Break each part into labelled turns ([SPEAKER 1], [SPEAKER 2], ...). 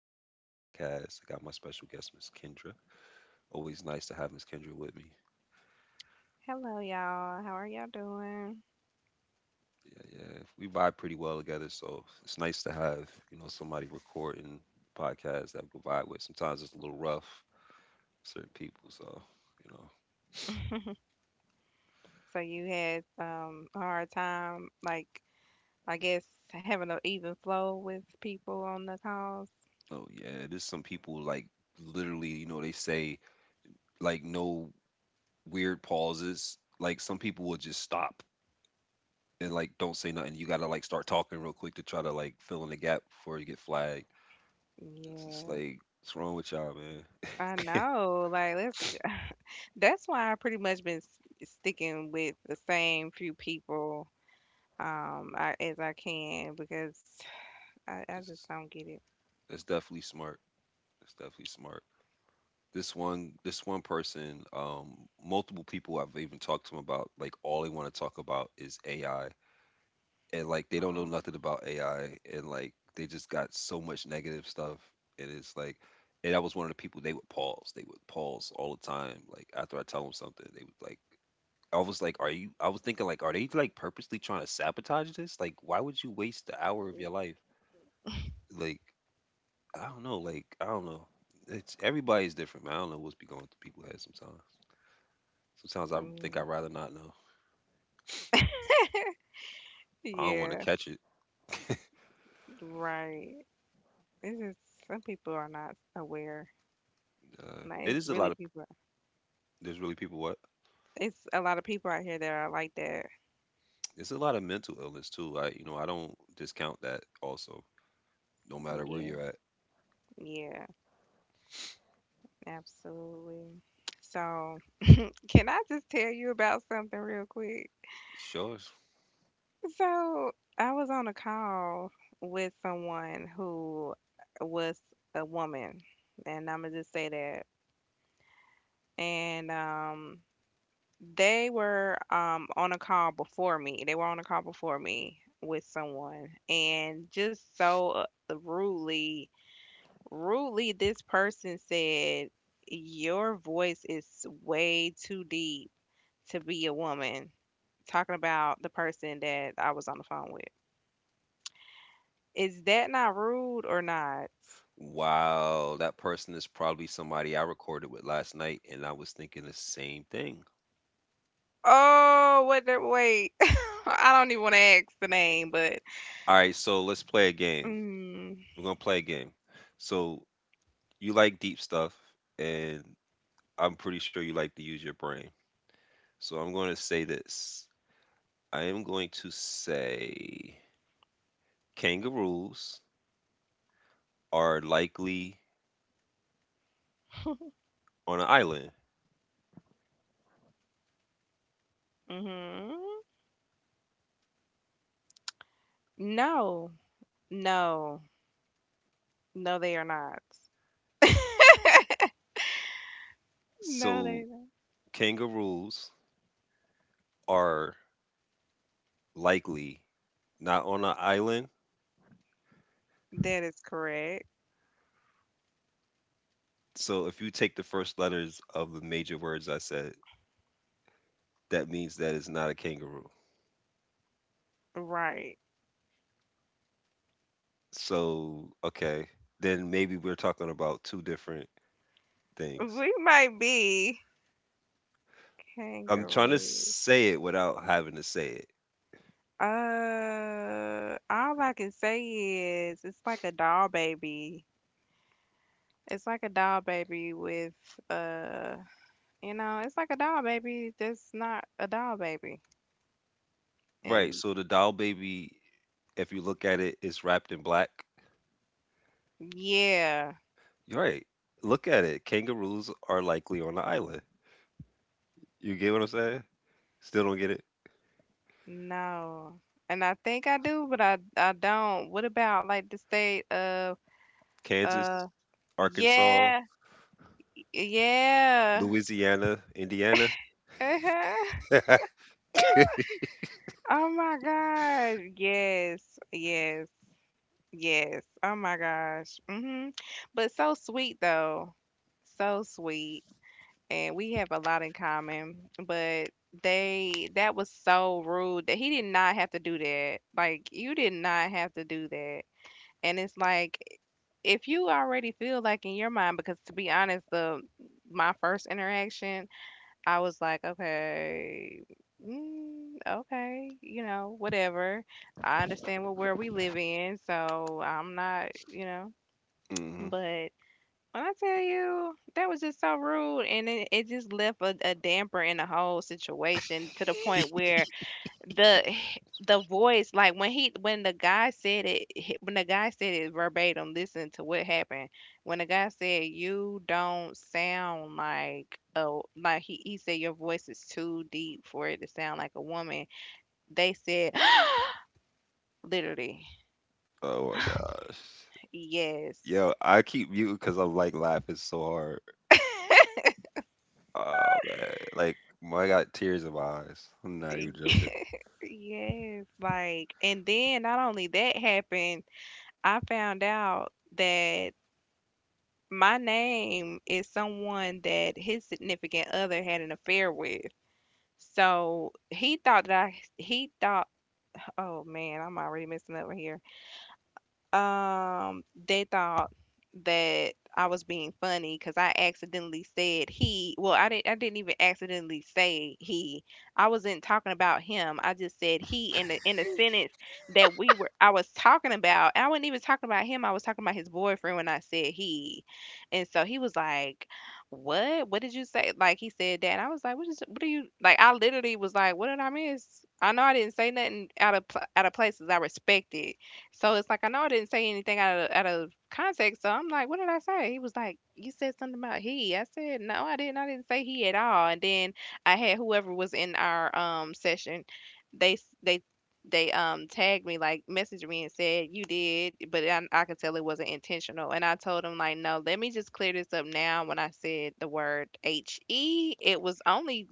[SPEAKER 1] back with another podcast. I got my special guest, Miss Kendra. Always nice to have Miss Kendra with me.
[SPEAKER 2] Hello, y'all. How are y'all doing?
[SPEAKER 1] Yeah, yeah. We vibe pretty well together, so it's nice to have somebody recording the podcast that we vibe with. Sometimes it's a little rough, certain people. So you know,
[SPEAKER 2] So you had a hard time, like I guess having an even flow with people on the calls.
[SPEAKER 1] oh yeah, there's some people like literally, they say like no weird pauses. Like some people will just stop and like don't say nothing. You gotta like start talking real quick to try to like fill in the gap before you get flagged. It's just
[SPEAKER 2] Yeah,
[SPEAKER 1] like, what's wrong with y'all, man?
[SPEAKER 2] I know. Like that's why I pretty much been sticking with the same few people as I can because I just
[SPEAKER 1] It's
[SPEAKER 2] don't get it.
[SPEAKER 1] that's definitely smart. It's definitely smart. This one person, multiple people I've even talked to them about, like all they want to talk about is AI, and like they don't know
[SPEAKER 2] Uh,
[SPEAKER 1] nothing about AI, and like they just got so much negative stuff, and it's like, and I was one of the people they would pause all the time, like after I tell them something, they would like. I was like, are you? I was thinking, like, are they like purposely trying to sabotage this? Like, why would you waste the hour of your life? Like, I don't know. Like I don't know. It's everybody's different, man. I don't know what's be going through people's heads sometimes. Sometimes I think I'd
[SPEAKER 2] mm,
[SPEAKER 1] rather not know. I don't want to
[SPEAKER 2] yeah,
[SPEAKER 1] catch it.
[SPEAKER 2] right. It's just some people are not aware. Like
[SPEAKER 1] It
[SPEAKER 2] it's
[SPEAKER 1] is a lot
[SPEAKER 2] really
[SPEAKER 1] of
[SPEAKER 2] people
[SPEAKER 1] there's really people what
[SPEAKER 2] It's a lot of people out here that are like that.
[SPEAKER 1] there's a lot of mental illness too. I you know I don't discount that also. No matter where
[SPEAKER 2] Yeah,
[SPEAKER 1] you're at,
[SPEAKER 2] yeah, absolutely. So, can I just tell you about something real quick?
[SPEAKER 1] sure.
[SPEAKER 2] So, I was on a call with someone who was a woman, and I'm gonna just say that. And They were on a call before me. They were on a call before me with someone, and just so rudely rudely, this person said, your voice is way too deep to be a woman. Talking about the person that I was on the phone with. Is that not rude or not?
[SPEAKER 1] Wow, that person is probably somebody I recorded with last night, and I was thinking the same thing.
[SPEAKER 2] Oh, what the wait. I don't even want to ask the name, but
[SPEAKER 1] All right, so let's play a game.
[SPEAKER 2] mm,
[SPEAKER 1] We're gonna play a game. So you like deep stuff, and I'm pretty sure you like to use your brain. So I'm going to say this. I am going to say kangaroos are likely on an island.
[SPEAKER 2] hmm no, no, no, they are not. No,
[SPEAKER 1] So
[SPEAKER 2] they
[SPEAKER 1] kangaroos are likely not on an island.
[SPEAKER 2] not. That is correct.
[SPEAKER 1] So if you take the first letters of the major words I said, that means that it's not a kangaroo.
[SPEAKER 2] Right.
[SPEAKER 1] So, okay, then maybe we're talking about two different things.
[SPEAKER 2] We might be
[SPEAKER 1] I'm trying to
[SPEAKER 2] kangaroo.
[SPEAKER 1] say it without having to say it.
[SPEAKER 2] All I can say is it's like a doll baby. It's like a doll baby with uh, you know, it's like a doll baby that's not a doll baby.
[SPEAKER 1] Right,
[SPEAKER 2] And
[SPEAKER 1] so the doll baby, if you look at it, is wrapped in black.
[SPEAKER 2] yeah,
[SPEAKER 1] You're right. Look at it. Kangaroos are likely on the island. You get what I'm saying? Still don't get it?
[SPEAKER 2] no. And I think I do, but I don't. What about like the state of uh
[SPEAKER 1] Kansas, Arkansas,
[SPEAKER 2] yeah, yeah.
[SPEAKER 1] Louisiana, Indiana.
[SPEAKER 2] Oh my God. Yes, yes. Yes. Oh my gosh. Mhm. But so sweet though. So sweet. And we have a lot in common, but they that was so rude that he did not have to do that. Like you did not have to do that. And it's like if you already feel like in your mind because to be honest, the my first interaction I was like, okay, okay, you know, whatever. I understand what where we live in, so I'm not,
[SPEAKER 1] Hmm.
[SPEAKER 2] But when I tell you, that was just so rude, and it just left a damper in the whole situation to the point where the the voice like when the guy said when the guy said it verbatim, listen to what happened when the guy said you don't sound like he said your voice is too deep for it to sound like a woman. They said literally
[SPEAKER 1] Oh my gosh. Yo,
[SPEAKER 2] yes.
[SPEAKER 1] I keep muting because I'm like laughing so hard. Oh man, like my I got tears in my eyes. I'm not even joking.
[SPEAKER 2] Yes, like, and then not only that happened, I found out that my name is someone that his significant other had an affair with. So he thought that I he thought, oh man, I'm already messing up right here. They thought that I was being funny because I accidentally said he. Well, I didn't. I didn't even accidentally say he. I wasn't talking about him. I just said he in the sentence that we were. I was talking about. I wasn't even talking about him. I was talking about his boyfriend when I said he, and so he was like, "What? What did you say?" Like he said that. And I was like, "What is? What are you like?" I literally was like, "What did I miss?" I know I didn't say nothing out of out of places I respected, so it's like I know I didn't say anything out of context. So I'm like, what did I say? He was like, you said something about he. I said, no, I didn't. I didn't say he at all. And then I had whoever was in our session, they tagged me, like messaged me and said you did, but I could tell it wasn't intentional. And I told him like, no, let me just clear this up now. When I said the word H E,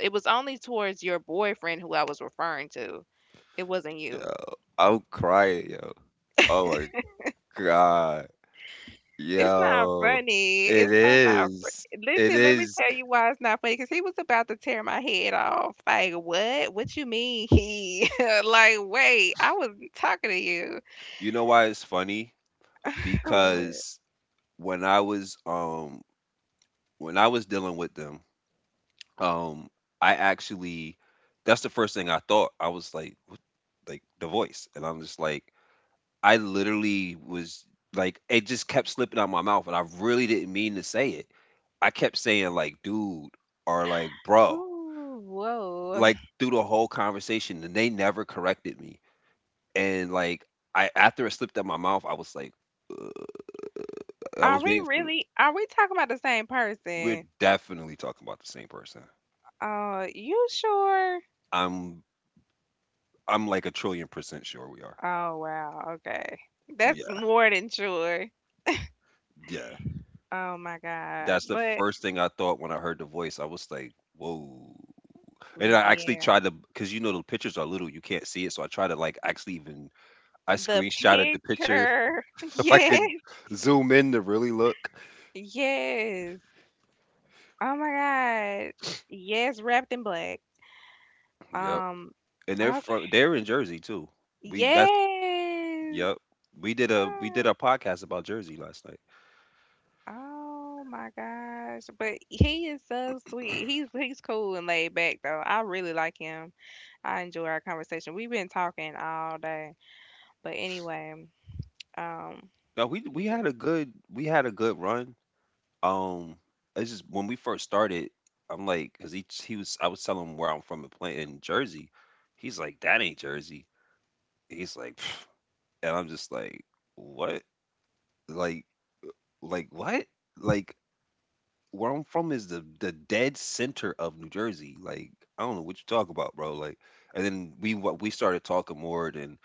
[SPEAKER 2] it was only towards your boyfriend who I was referring to. It wasn't you.
[SPEAKER 1] Yo, I'm crying, yo. Oh my god.
[SPEAKER 2] It's not
[SPEAKER 1] Yo,
[SPEAKER 2] funny. It's
[SPEAKER 1] it
[SPEAKER 2] so not
[SPEAKER 1] is.
[SPEAKER 2] funny.
[SPEAKER 1] It
[SPEAKER 2] Listen, let me
[SPEAKER 1] is.
[SPEAKER 2] tell you why it's not funny. Because he was about to tear my head off. Like, what? What you mean he? Like, wait, I wasn't talking to you.
[SPEAKER 1] You know why it's funny?
[SPEAKER 2] What?
[SPEAKER 1] Because when I was dealing with them, um I actually that's the first thing I thought. I was like like the voice and I'm just like I literally was like it just kept slipping out my mouth and I really didn't mean to say it. I kept saying like dude or like bro
[SPEAKER 2] Ooh, whoa.
[SPEAKER 1] like through the whole conversation and they never corrected me and, like, I after it slipped out my mouth, I was like I
[SPEAKER 2] Are
[SPEAKER 1] was
[SPEAKER 2] we
[SPEAKER 1] waiting for
[SPEAKER 2] really? Are we talking about the same
[SPEAKER 1] we're
[SPEAKER 2] person?
[SPEAKER 1] definitely talking about the same person.
[SPEAKER 2] You sure?
[SPEAKER 1] I'm I'm like a trillion % sure we are.
[SPEAKER 2] Oh, wow. Okay. That's
[SPEAKER 1] Yeah,
[SPEAKER 2] more than sure.
[SPEAKER 1] yeah.
[SPEAKER 2] Oh my God.
[SPEAKER 1] That's the
[SPEAKER 2] But
[SPEAKER 1] first thing I thought when I heard the voice. I was like, "Whoa." And I actually
[SPEAKER 2] yeah,
[SPEAKER 1] tried to because, you know, the pictures are little, you can't see it, so I tried to, like, actually even I
[SPEAKER 2] the
[SPEAKER 1] screenshotted the picture
[SPEAKER 2] picture.
[SPEAKER 1] so I
[SPEAKER 2] Yeah.
[SPEAKER 1] could zoom in to really look.
[SPEAKER 2] Yes. Oh my God. Yes, wrapped in black.
[SPEAKER 1] Yep.
[SPEAKER 2] Um,
[SPEAKER 1] And
[SPEAKER 2] okay.
[SPEAKER 1] they're in Jersey too. We that's
[SPEAKER 2] Yes.
[SPEAKER 1] yep. We did
[SPEAKER 2] Ah.
[SPEAKER 1] a podcast about Jersey last night.
[SPEAKER 2] Oh my gosh. But he is so sweet. He's cool and laid back though. I really like him. I enjoy our conversation. We've been talking all day. But anyway, um
[SPEAKER 1] No,
[SPEAKER 2] yeah.
[SPEAKER 1] we had a good run. Um, it's just when we first started, I'm like, cause he was I was telling him where I'm from in Plant in Jersey. He's like, that ain't Jersey. He's like, "Pff," and I'm just like, what? Like, like what? Like where I'm from is the dead center of New Jersey. Like I don't know what you talk about, bro. Like, and then we what we started talking more, and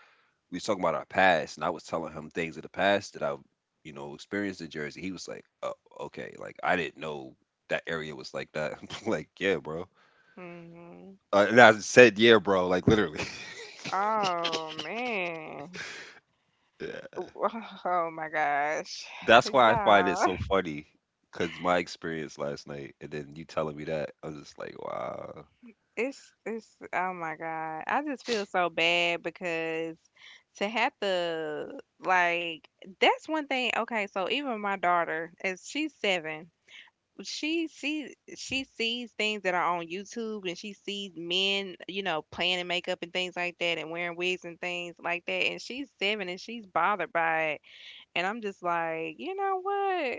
[SPEAKER 1] we was talking about our past, and I was telling him things of the past that I, you know, experienced in Jersey. He was like, "Oh, okay, like I didn't know that area was like that." I'm like, yeah, bro.
[SPEAKER 2] Hmm.
[SPEAKER 1] And I said, yeah, bro, like literally.
[SPEAKER 2] Oh man.
[SPEAKER 1] Yeah.
[SPEAKER 2] Oh my gosh.
[SPEAKER 1] That's why I find
[SPEAKER 2] Yeah.
[SPEAKER 1] it so funny, cause my experience last night, and then you telling me that, I was just like, wow,
[SPEAKER 2] It's oh my God. I just feel so bad because to have to like that's one thing. Okay, so even my daughter, as she's seven, she sees things that are on YouTube and she sees men, you know, playing in makeup and things like that and wearing wigs and things like that. And she's seven and she's bothered by it. And I'm just like, you know what?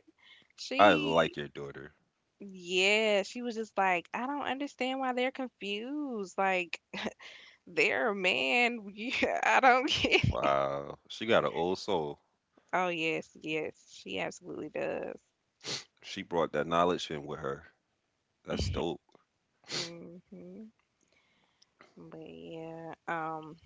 [SPEAKER 1] I
[SPEAKER 2] She
[SPEAKER 1] like your daughter.
[SPEAKER 2] yeah, she was just like, I don't understand why they're confused. Like there, man. Yeah, I don't get it.
[SPEAKER 1] Wow, she got an old soul.
[SPEAKER 2] Oh, yes, yes. She absolutely does.
[SPEAKER 1] She brought that knowledge in with her. That's dope.
[SPEAKER 2] Hmm. But yeah,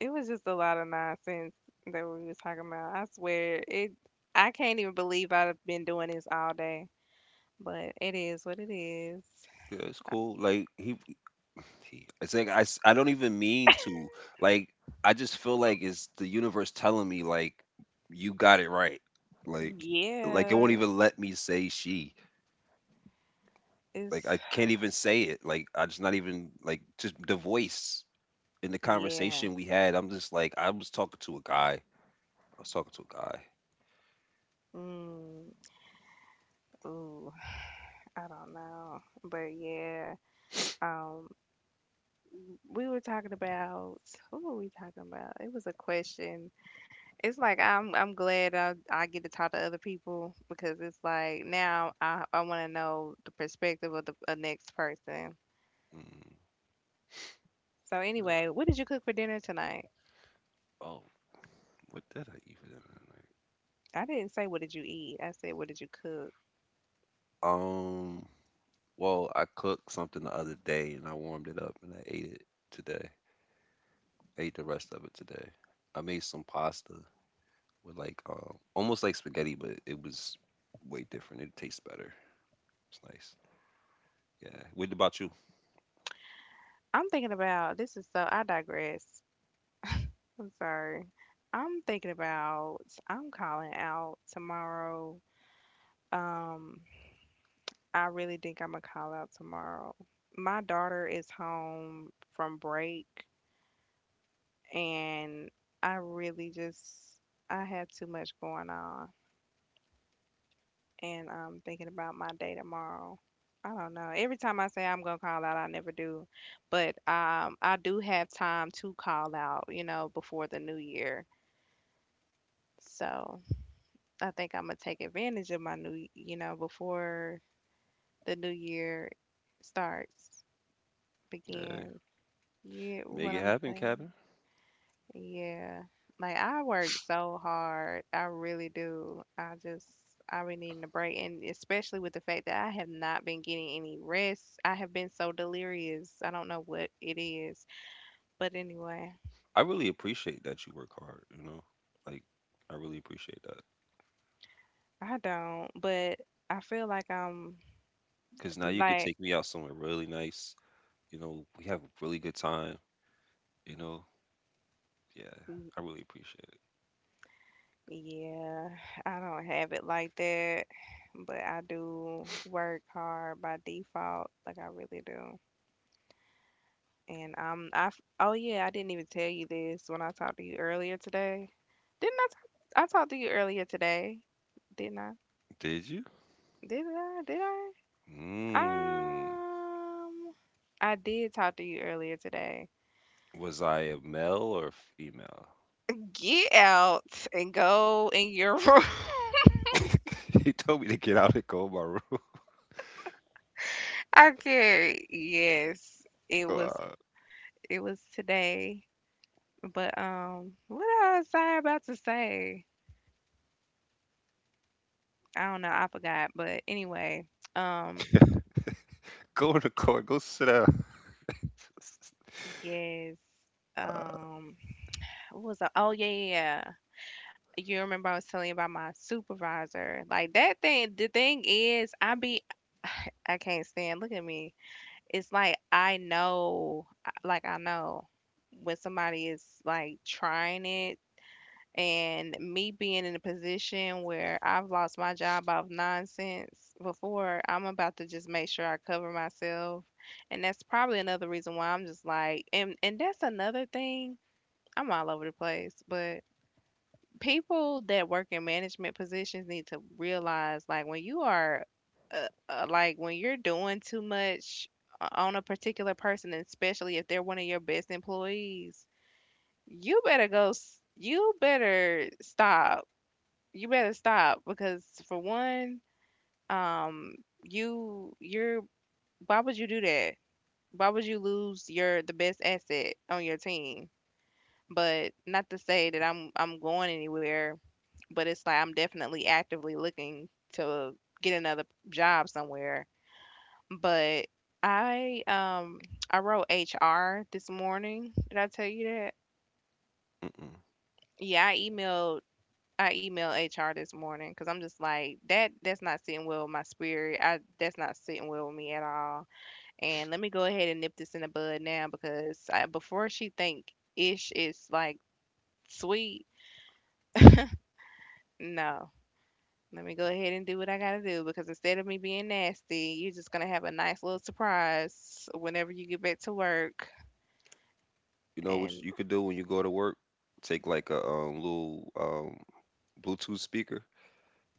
[SPEAKER 2] it was just a lot of nonsense that we was talking about. I swear, it. I can't even believe I've been doing this all day. But it is what it is.
[SPEAKER 1] Yeah, it's cool. Like he T. It's like I don't even mean to. Like I just feel like it's the universe telling me like you got it right. Like like it won't
[SPEAKER 2] Yeah,
[SPEAKER 1] even let me say she. Like
[SPEAKER 2] it's
[SPEAKER 1] I can't even say it. Like I just not even like just the voice in the
[SPEAKER 2] yeah.
[SPEAKER 1] conversation we had. I'm just like I was talking to a guy. I was talking to a guy.
[SPEAKER 2] Mm, Ooh, I don't know, but yeah. Um, we were talking about what were we talking about? It was a question. It's like I'm glad I get to talk to other people because it's like now I want to know the perspective of the next person.
[SPEAKER 1] Mm,
[SPEAKER 2] So
[SPEAKER 1] God.
[SPEAKER 2] anyway, what did you cook for dinner tonight?
[SPEAKER 1] Oh, what did I eat for dinner tonight
[SPEAKER 2] I didn't say what did you eat. I said what did you cook.
[SPEAKER 1] Um. Well, I cooked something the other day and I warmed it up and I ate it today. Ate the rest of it today. I made some pasta with like almost like spaghetti, but it was way different. It tastes better. It's nice. Yeah. What about you?
[SPEAKER 2] I'm thinking about this is so I digress. I'm sorry. I'm thinking about I'm calling out tomorrow. Um, I really think I'm gonna call out tomorrow. My daughter is home from break, and I really just I have too much going on, and I'm thinking about my day tomorrow. I don't know. Every time I say I'm gonna call out, I never do, but I do have time to call out, you know, before the new year. So I think I'm gonna take advantage of my new, you know, before the new year starts,
[SPEAKER 1] Yeah.
[SPEAKER 2] begin. Yeah,
[SPEAKER 1] Make
[SPEAKER 2] what
[SPEAKER 1] it
[SPEAKER 2] I'm
[SPEAKER 1] happen,
[SPEAKER 2] saying.
[SPEAKER 1] Kevin.
[SPEAKER 2] Yeah. Like I work so hard. I really do. I just I be needing a break, and especially with the fact that I have not been getting any rest. I have been so delirious. I don't know what it is. But anyway,
[SPEAKER 1] I really appreciate that you work hard, you know? Like I really appreciate that.
[SPEAKER 2] I don't. But I feel like
[SPEAKER 1] Cause now you could
[SPEAKER 2] like
[SPEAKER 1] take me out somewhere really nice. You know, we have a really good time, you know? Yeah.
[SPEAKER 2] n-
[SPEAKER 1] I really appreciate it.
[SPEAKER 2] yeah, I don't have it like that. But I do work hard by default. Like I really do. And oh yeah, I didn't even tell you this when I talked to you earlier today. Didn't I talk? I talked to you earlier today, didn't I?
[SPEAKER 1] Did you?
[SPEAKER 2] Did I? Did
[SPEAKER 1] Mm.
[SPEAKER 2] I? I did talk to you earlier today.
[SPEAKER 1] Was I a male or female?
[SPEAKER 2] Get out and go in your room.
[SPEAKER 1] He told me to get out and go in my room.
[SPEAKER 2] Okay, yes, it was
[SPEAKER 1] Uh,
[SPEAKER 2] it was today. But what was I about to say? I don't know. I forgot. But anyway, um.
[SPEAKER 1] Go in the car. Go sit down.
[SPEAKER 2] Yes.
[SPEAKER 1] Uh,
[SPEAKER 2] Um, what was the, oh yeah, yeah, yeah. You remember I was telling you about my supervisor. Like that thing, the thing is, I be I can't stand. Look at me. It's like I know when somebody is like trying it, and me being in a position where I've lost my job off nonsense before, I'm about to just make sure I cover myself. And that's probably another reason why I'm just like, and that's another thing. I'm all over the place, but people that work in management positions need to realize like when you are like when you're doing too much on a particular person, and especially if they're one of your best employees, you better go. You better stop. Because for one, um, you're why would you do that? Why would you lose your the best asset on your team? But not to say that I'm going anywhere, but it's like I'm definitely actively looking to get another job somewhere. But I um I wrote HR this morning. Did I tell you that?
[SPEAKER 1] mm-mm.
[SPEAKER 2] Yeah, I emailed HR this morning because I'm just like that. That's not sitting well with my spirit. I that's not sitting well with me at all. And let me go ahead and nip this in the bud now because I, before she think ish is like sweet. No, let me go ahead and do what I gotta do because instead of me being nasty, you're just gonna have a nice little surprise whenever you get back to work.
[SPEAKER 1] You know what
[SPEAKER 2] And
[SPEAKER 1] you could do when you go to work? Take like a little Bluetooth speaker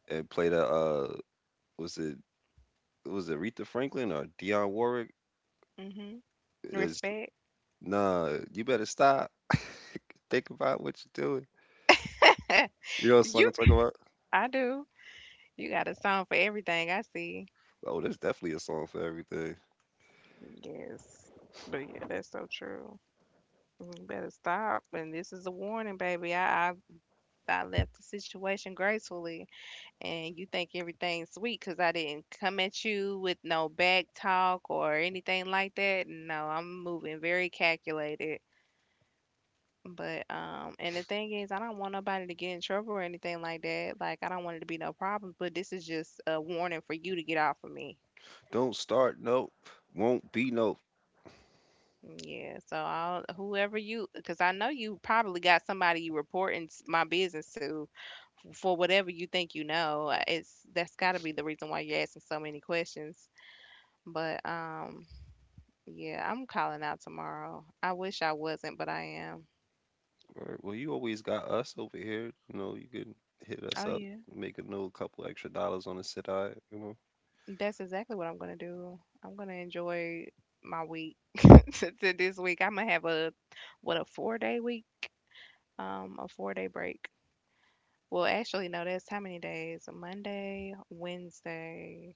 [SPEAKER 1] and play the was it was it Aretha Franklin or Dionne Warwick?
[SPEAKER 2] hmm
[SPEAKER 1] It's,
[SPEAKER 2] respect.
[SPEAKER 1] nah, you better stop. Think about what you're doing. You know what song
[SPEAKER 2] You,
[SPEAKER 1] I'm talking about?
[SPEAKER 2] I do. You got a song for everything I see.
[SPEAKER 1] Oh, there's definitely a song for everything.
[SPEAKER 2] Yes. But yeah, that's so true. You better stop. And this is a warning, baby. I I left the situation gracefully, and you think everything's sweet because I didn't come at you with no back talk or anything like that. No, I'm moving very calculated. But and the thing is, I don't want nobody to get in trouble or anything like that. Like I don't want it to be no problems. But this is just a warning for you to get off of me.
[SPEAKER 1] Don't start, nope. Won't be no.
[SPEAKER 2] Yeah, so I'll whoever you because I know you probably got somebody you reporting my business to for whatever you think you know. It's that's got to be the reason why you're asking so many questions. But yeah, I'm calling out tomorrow. I wish I wasn't, but I am.
[SPEAKER 1] Alright, well, you always got us over here. You know, you can hit us
[SPEAKER 2] Oh
[SPEAKER 1] up,
[SPEAKER 2] yeah,
[SPEAKER 1] make a little couple extra dollars on the sit eye. You know,
[SPEAKER 2] that's exactly what I'm gonna do. I'm gonna enjoy my week to this week. I'm gonna have a what a 4 day week, a 4 day break. Well, actually, no, that's how many days? Monday, Wednesday,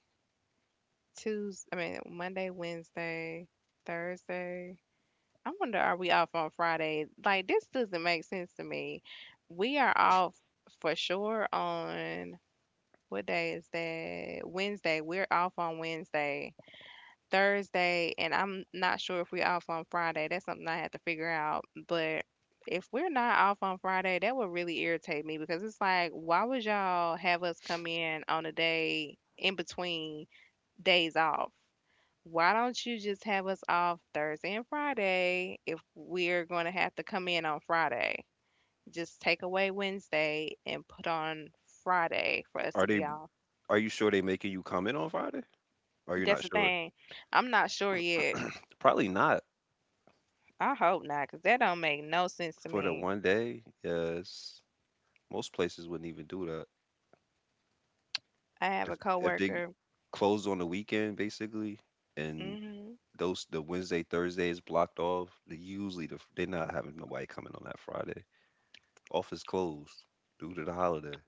[SPEAKER 2] Tuesday, I mean, Monday, Wednesday, Thursday. I wonder, are we off on Friday? Like, this doesn't make sense to me. We are off for sure on what day is that? Wednesday. We're off on Wednesday, Thursday, and I'm not sure if we're off on Friday. That's something I had to figure out. But if we're not off on Friday, that would really irritate me because it's like, why would y'all have us come in on a day in between days off? Why don't you just have us off Thursday and Friday if we're going to have to come in on Friday? Just take away Wednesday and put on Friday for us to
[SPEAKER 1] are
[SPEAKER 2] be
[SPEAKER 1] they?
[SPEAKER 2] off.
[SPEAKER 1] Are you sure they making you come in on Friday? Are you
[SPEAKER 2] That's
[SPEAKER 1] not
[SPEAKER 2] the
[SPEAKER 1] sure?
[SPEAKER 2] thing. I'm not sure yet.
[SPEAKER 1] Probably not
[SPEAKER 2] I hope not, cause that don't make no sense to
[SPEAKER 1] for the
[SPEAKER 2] me.
[SPEAKER 1] one day. Yes, most places wouldn't even do that.
[SPEAKER 2] I have a
[SPEAKER 1] If they
[SPEAKER 2] coworker.
[SPEAKER 1] close on the weekend, basically, and
[SPEAKER 2] Mhm.
[SPEAKER 1] those the Wednesday Thursday is blocked off, usually they're not having nobody coming on that Friday. Office closed due to the holiday.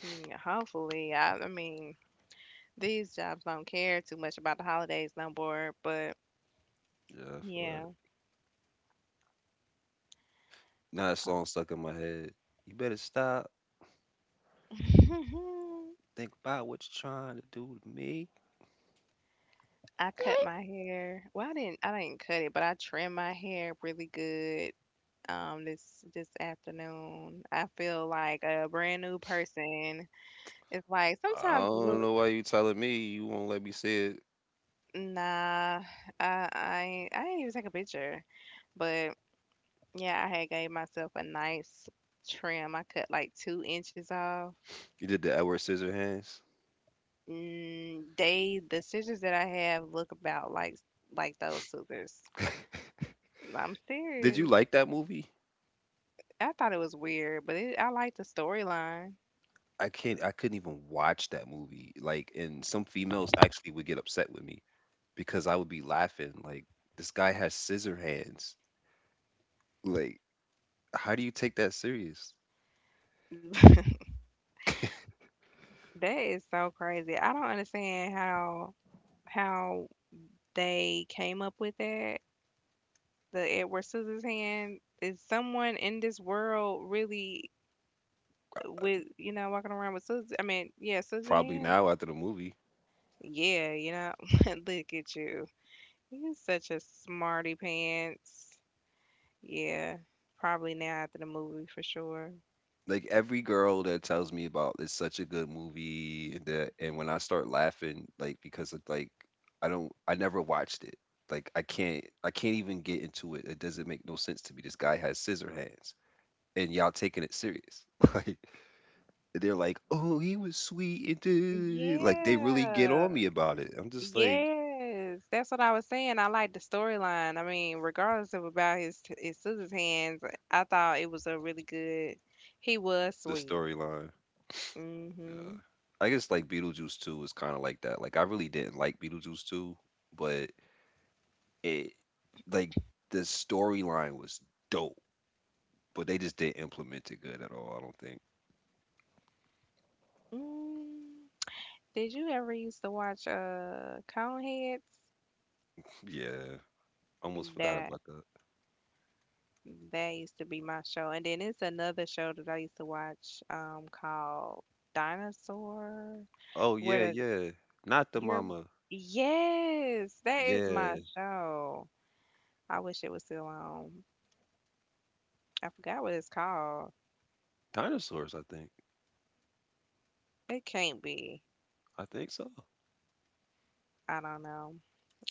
[SPEAKER 2] mm Hopefully, I mean, these jobs don't care too much about the holidays no more. But
[SPEAKER 1] Yeah, I feel that.
[SPEAKER 2] yeah,
[SPEAKER 1] Now that song stuck in my head. You better stop. Think about what you're trying to do to me.
[SPEAKER 2] I cut my hair. Well, I didn't. I didn't cut it, but I trimmed my hair really good. This afternoon, I feel like a brand new person. It's like
[SPEAKER 1] I
[SPEAKER 2] sometimes,
[SPEAKER 1] don't
[SPEAKER 2] look,
[SPEAKER 1] know why you telling me you won't let me see it.
[SPEAKER 2] nah, I didn't even take a picture, but yeah, I had gave myself a nice trim. I cut like 2 inches off.
[SPEAKER 1] You did the Edward Scissorhands.
[SPEAKER 2] Mm, they the scissors that I have look about like those scissors. I'm
[SPEAKER 1] Did you
[SPEAKER 2] serious.
[SPEAKER 1] like that movie?
[SPEAKER 2] I thought it was weird, but I like the storyline.
[SPEAKER 1] I can't. I couldn't even watch that movie. Like, and some females actually would get upset with me because I would be laughing. Like, this guy has scissor hands. Like, how do you take that serious?
[SPEAKER 2] That is so crazy. I don't understand how they came up with that. The Edward Scissors hand is someone in this world really with you know walking around with scissors. I mean, yeah, scissor
[SPEAKER 1] Probably
[SPEAKER 2] hand.
[SPEAKER 1] now after the movie.
[SPEAKER 2] Yeah, you know, look at you. You're such a smarty pants. Yeah, probably now after the movie for sure.
[SPEAKER 1] Like every girl that tells me about it's such a good movie that and when I start laughing, like because of like I don't I never watched it. Like I can't even get into it. It doesn't make no sense to me. This guy has scissor hands and y'all taking it serious. Like they're like, oh he was sweet and dude. Like they really get
[SPEAKER 2] Yeah.
[SPEAKER 1] on me about it. I'm just like
[SPEAKER 2] Yes. That's what I was saying. I like the storyline. I mean, regardless of about his scissors hands, I thought it was a really good. He was
[SPEAKER 1] the
[SPEAKER 2] sweet.
[SPEAKER 1] storyline. Yeah.
[SPEAKER 2] Mhm.
[SPEAKER 1] I guess like Beetlejuice 2 is kind of like that. Like I really didn't like Beetlejuice 2, but it like the storyline was dope, but they just didn't implement it good at all. I don't think.
[SPEAKER 2] Mm. Did you ever used to watch Coneheads?
[SPEAKER 1] Yeah, almost forgot
[SPEAKER 2] That
[SPEAKER 1] about that.
[SPEAKER 2] That used to be my show. And then it's another show that I used to watch called Dinosaur
[SPEAKER 1] Oh
[SPEAKER 2] where
[SPEAKER 1] yeah,
[SPEAKER 2] the
[SPEAKER 1] yeah. Not the
[SPEAKER 2] you're
[SPEAKER 1] mama.
[SPEAKER 2] yes, that is my
[SPEAKER 1] Yeah,
[SPEAKER 2] show. I wish it was still on. I forgot what it's called.
[SPEAKER 1] dinosaurs. I think.
[SPEAKER 2] It can't be.
[SPEAKER 1] I think so.
[SPEAKER 2] I don't know.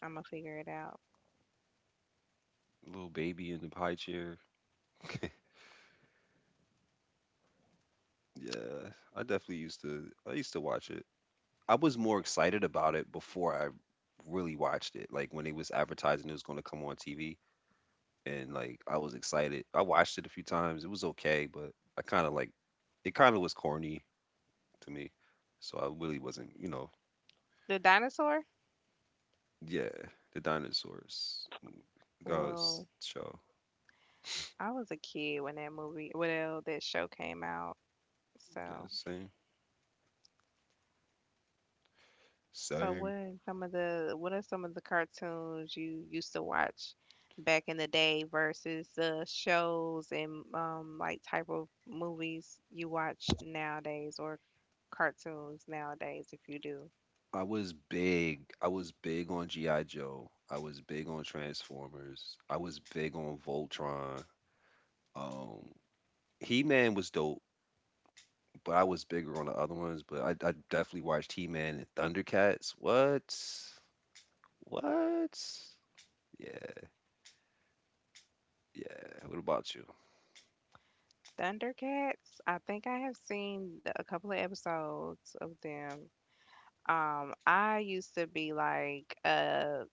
[SPEAKER 2] I'm gonna figure it out.
[SPEAKER 1] Little baby in the high chair. Yeah, I definitely used to. I used to watch it. I was more excited about it before I really watched it. Like when it was advertising it was going to come on TV, and like I was excited. I watched it a few times. It was okay, but I kind of like it. Kind of was corny to me, so I really wasn't. You know,
[SPEAKER 2] The dinosaur?
[SPEAKER 1] yeah, the dinosaurs goes
[SPEAKER 2] Well,
[SPEAKER 1] show.
[SPEAKER 2] I was a kid when that show came out.
[SPEAKER 1] Yeah,
[SPEAKER 2] So
[SPEAKER 1] same,
[SPEAKER 2] so
[SPEAKER 1] same.
[SPEAKER 2] what are some of the cartoons you used to watch back in the day versus the shows and like type of movies you watch nowadays or cartoons nowadays if you do?
[SPEAKER 1] I was big. I was big on GI Joe. I was big on Transformers. I was big on Voltron. Um, He Man was dope, but I was bigger on the other ones. But I definitely watched He Man and Thundercats. What? What? Yeah, yeah. What about you?
[SPEAKER 2] Thundercats, I think I have seen a couple of episodes of them. I used to be like,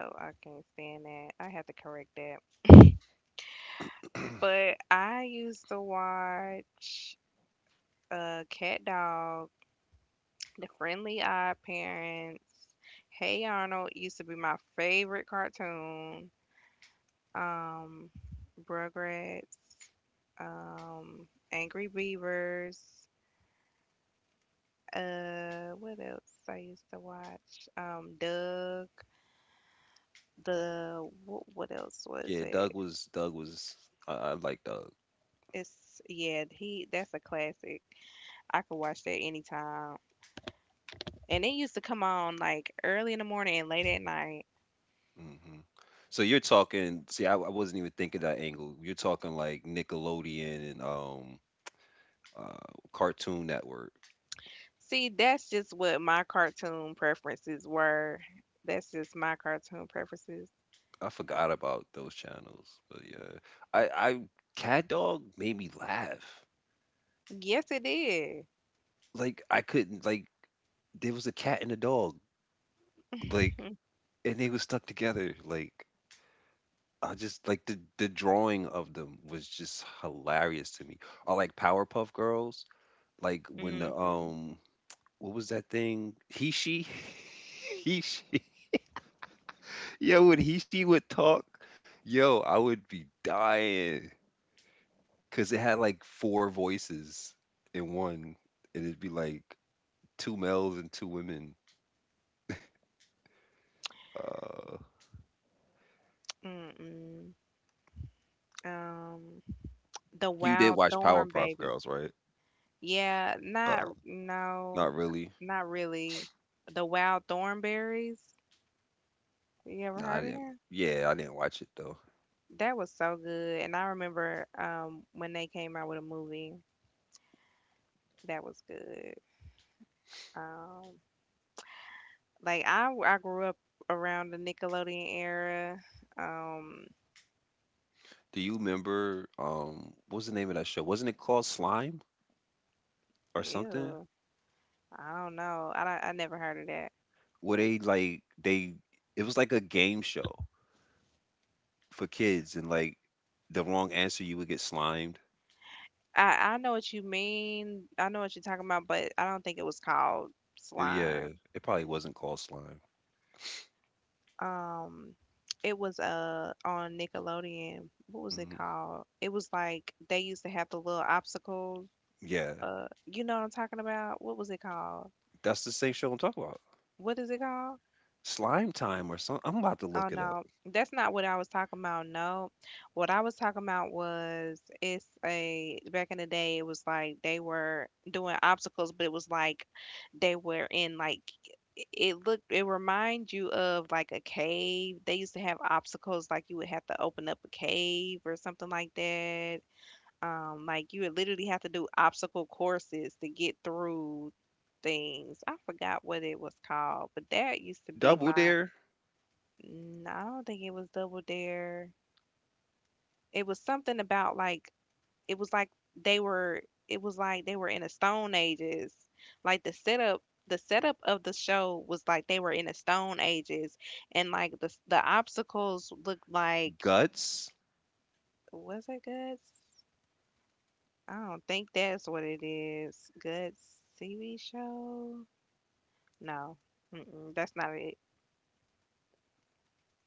[SPEAKER 2] oh, I can't stand that. I had to correct that. But I used to watch Cat Dog, The Friendly Odd Parents. Hey Arnold used to be my favorite cartoon. Um, Rugrats. Um, Angry Beavers. What else I used to watch? Doug. The what else was
[SPEAKER 1] Yeah,
[SPEAKER 2] it?
[SPEAKER 1] I like Doug.
[SPEAKER 2] It's yeah, he that's a classic. I could watch that anytime. And it used to come on like early in the morning and late at night.
[SPEAKER 1] Hmm So you're talking. See, I wasn't even thinking that angle. You're talking like Nickelodeon and uh, Cartoon Network.
[SPEAKER 2] See, that's just what my cartoon preferences were. That's just my cartoon preferences.
[SPEAKER 1] I forgot about those channels, but yeah, I Cat Dog made me laugh.
[SPEAKER 2] Yes, it did.
[SPEAKER 1] Like I couldn't, like, there was a cat and a dog, like,
[SPEAKER 2] Mhm.
[SPEAKER 1] and they was stuck together. Like, I just like the drawing of them was just hilarious to me. Or like Powerpuff Girls, like when the what was that thing? He she he she, yo, when he she would talk, yo, I would be dying. Cause it had like four voices in one. And it'd be like two males and two women. Uh
[SPEAKER 2] Mm-mm. Um, the
[SPEAKER 1] you did
[SPEAKER 2] Wild
[SPEAKER 1] watch
[SPEAKER 2] Thorn
[SPEAKER 1] Powerpuff
[SPEAKER 2] Baby.
[SPEAKER 1] Girls, right?
[SPEAKER 2] Yeah,
[SPEAKER 1] Uh
[SPEAKER 2] not no,
[SPEAKER 1] Not really.
[SPEAKER 2] not really. The Wild Thornberries. You ever
[SPEAKER 1] No, I
[SPEAKER 2] heard of
[SPEAKER 1] didn't,
[SPEAKER 2] that?
[SPEAKER 1] yeah, I didn't watch it though.
[SPEAKER 2] That was so good. And I remember when they came out with a movie that was good. Um, Like I grew up around the Nickelodeon era. Um,
[SPEAKER 1] Do you remember, what was the name of that show? Wasn't it called Slime or something?
[SPEAKER 2] ew, I don't know. I never heard of that.
[SPEAKER 1] Where they like they, it was like a game show for kids, and like the wrong answer you would get slimed.
[SPEAKER 2] I know what you mean. I know what you're talking about, but I don't think it was called
[SPEAKER 1] Yeah,
[SPEAKER 2] slime.
[SPEAKER 1] it probably wasn't called Slime.
[SPEAKER 2] Um, it was on Nickelodeon. What was it
[SPEAKER 1] Hmm
[SPEAKER 2] called? It was like they used to have the little obstacles.
[SPEAKER 1] Yeah,
[SPEAKER 2] You know what I'm talking about? What was it called?
[SPEAKER 1] that's the same show I'm talking about.
[SPEAKER 2] What is it called?
[SPEAKER 1] Slime Time or something. I'm about to
[SPEAKER 2] Oh
[SPEAKER 1] look it up.
[SPEAKER 2] no, that's not what I was talking about. No, what I was talking about was it's a back in the day, it was like they were doing obstacles, but it was like they were in like it looked it reminds you of like a cave. They used to have obstacles like you would have to open up a cave or something like that. Like you would literally have to do obstacle courses to get through things. I forgot what it was called, but that used to be
[SPEAKER 1] Double
[SPEAKER 2] my
[SPEAKER 1] Dare,
[SPEAKER 2] mm, I don't think it was Double Dare. It was something about like it was like they were it was like they were in the stone ages. Like the setup of the show was like they were in the stone ages and like the obstacles looked like
[SPEAKER 1] Guts.
[SPEAKER 2] was it Guts? I don't think that's what it is. Guts TV show? No. Mm-mm, that's not it.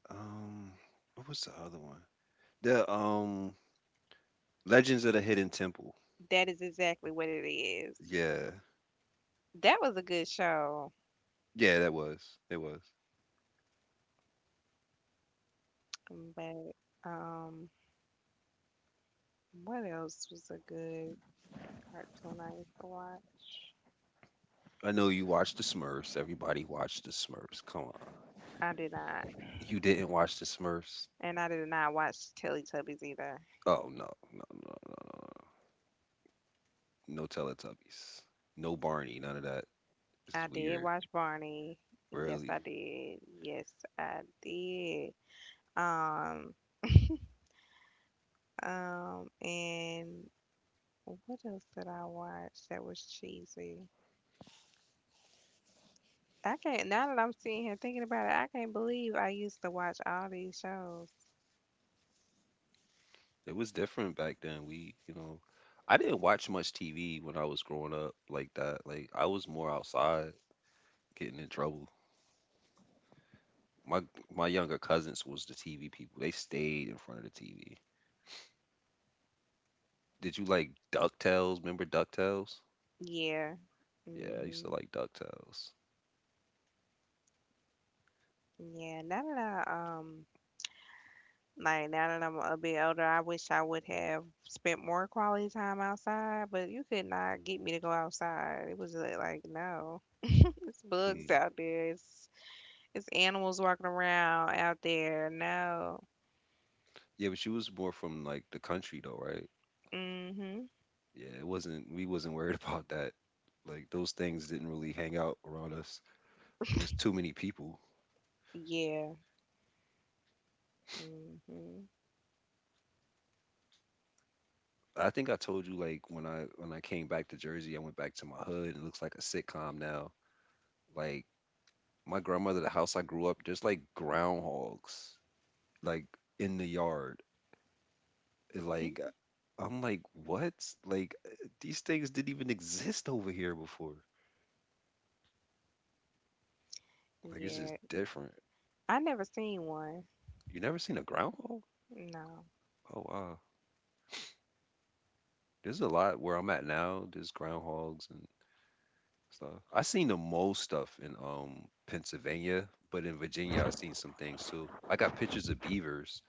[SPEAKER 1] Um, what was the other one? The Legends of the Hidden Temple.
[SPEAKER 2] That is exactly what it is.
[SPEAKER 1] Yeah,
[SPEAKER 2] That was a good show.
[SPEAKER 1] yeah, that was. It was.
[SPEAKER 2] But um what else was a good cartoon I used to watch?
[SPEAKER 1] I know you watched the Smurfs. Everybody watched the Smurfs. Come on.
[SPEAKER 2] I did not.
[SPEAKER 1] You didn't watch the Smurfs?
[SPEAKER 2] And I did not watch Teletubbies either.
[SPEAKER 1] Oh no, no, no, no, no. No. No Teletubbies. No Barney. None of that. This is
[SPEAKER 2] I did
[SPEAKER 1] weird.
[SPEAKER 2] watch Barney. Yes, I
[SPEAKER 1] Really.
[SPEAKER 2] did. Yes, I did. Um, and what else did I watch that was cheesy? I can't, now that I'm sitting here thinking about it, I can't believe I used to watch all these shows.
[SPEAKER 1] It was different back then. We, you know, I didn't watch much TV when I was growing up like that. Like I was more outside getting in trouble. My my younger cousins was the TV people. They stayed in front of the TV. Did you like DuckTales? Remember DuckTales?
[SPEAKER 2] Yeah.
[SPEAKER 1] Yeah, I used to
[SPEAKER 2] hmm
[SPEAKER 1] like DuckTales.
[SPEAKER 2] Yeah. Now that now that I'm a bit older, I wish I would have spent more quality time outside, but you could not get me to go outside. It was like, no. It's bugs
[SPEAKER 1] Hmm.
[SPEAKER 2] out there. It's animals walking around out there. No.
[SPEAKER 1] Yeah, but she was more from like the country though, right?
[SPEAKER 2] Mhm.
[SPEAKER 1] Yeah, it wasn't, we wasn't worried about that. Like those things didn't really hang out around us. It was too many people.
[SPEAKER 2] Yeah. Mhm.
[SPEAKER 1] I think I told you like when I came back to Jersey, I went back to my hood and it looks like a sitcom now. Like my grandmother, the house I grew up, there's like groundhogs, like, in the yard. And, like,
[SPEAKER 2] Mm,
[SPEAKER 1] I'm like, what? Like, eh, these things didn't even exist over here before. Like it's
[SPEAKER 2] yeah.
[SPEAKER 1] just different.
[SPEAKER 2] I never seen one.
[SPEAKER 1] You never seen a groundhog?
[SPEAKER 2] No.
[SPEAKER 1] Oh wow. There's a lot where I'm at now. There's groundhogs and stuff. I seen the most stuff in Pennsylvania, but in Virginia, I seen some things too. I got pictures of beavers.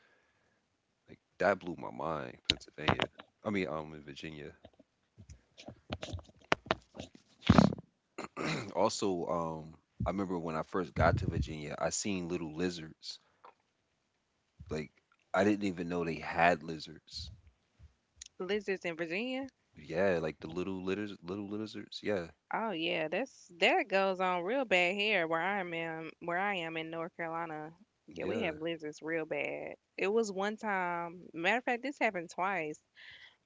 [SPEAKER 1] Like that blew my mind. Pennsylvania. I mean, in Virginia. Also, I remember when I first got to Virginia, I seen little lizards. Like I didn't even know they had lizards.
[SPEAKER 2] Lizards in Virginia?
[SPEAKER 1] Yeah, like the little lizards, little lizards. Yeah,
[SPEAKER 2] Oh yeah, that's that goes on real bad here where I am in where I am in North Carolina. Yeah, we
[SPEAKER 1] yeah.
[SPEAKER 2] have lizards real bad. It was one time, matter of fact, this happened twice.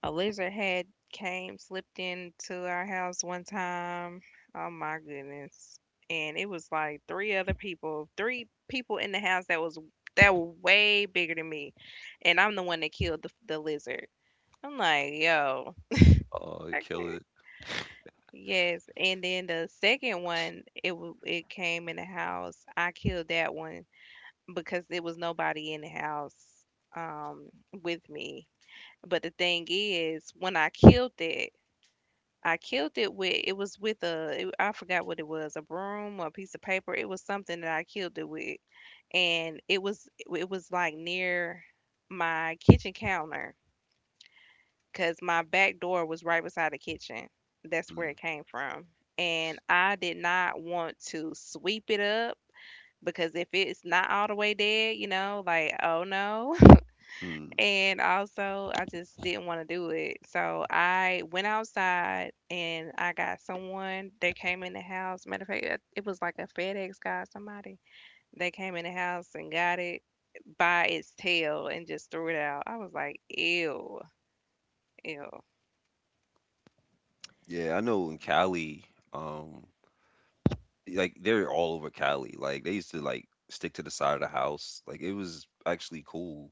[SPEAKER 2] A lizard had came slipped into our house one time. Oh my goodness. And it was like three people in the house that were way bigger than me. And I'm the one that killed the lizard. I'm like, yo,
[SPEAKER 1] Oh, kill it.
[SPEAKER 2] yes, and then the second one, it came in the house. I killed that one because there was nobody in the house um with me. But the thing is, when I killed it with it was with a it, I forgot what it was, a broom or a piece of paper. It was something that I killed it with, and it was like near my kitchen counter 'cause my back door was right beside the kitchen. That's where it came from. And I did not want to sweep it up because if it's not all the way dead, you know, like, oh no.
[SPEAKER 1] Mm-hmm.
[SPEAKER 2] And also, I just didn't want to do it. So I went outside and I got someone. They came in the house. Matter of fact, it was like a FedEx guy, somebody. They came in the house and got it by its tail and just threw it out. I was like, ew, ew.
[SPEAKER 1] Yeah, I know in Cali, um, like they're all over Cali. Like they used to like stick to the side of the house. Like it was actually cool.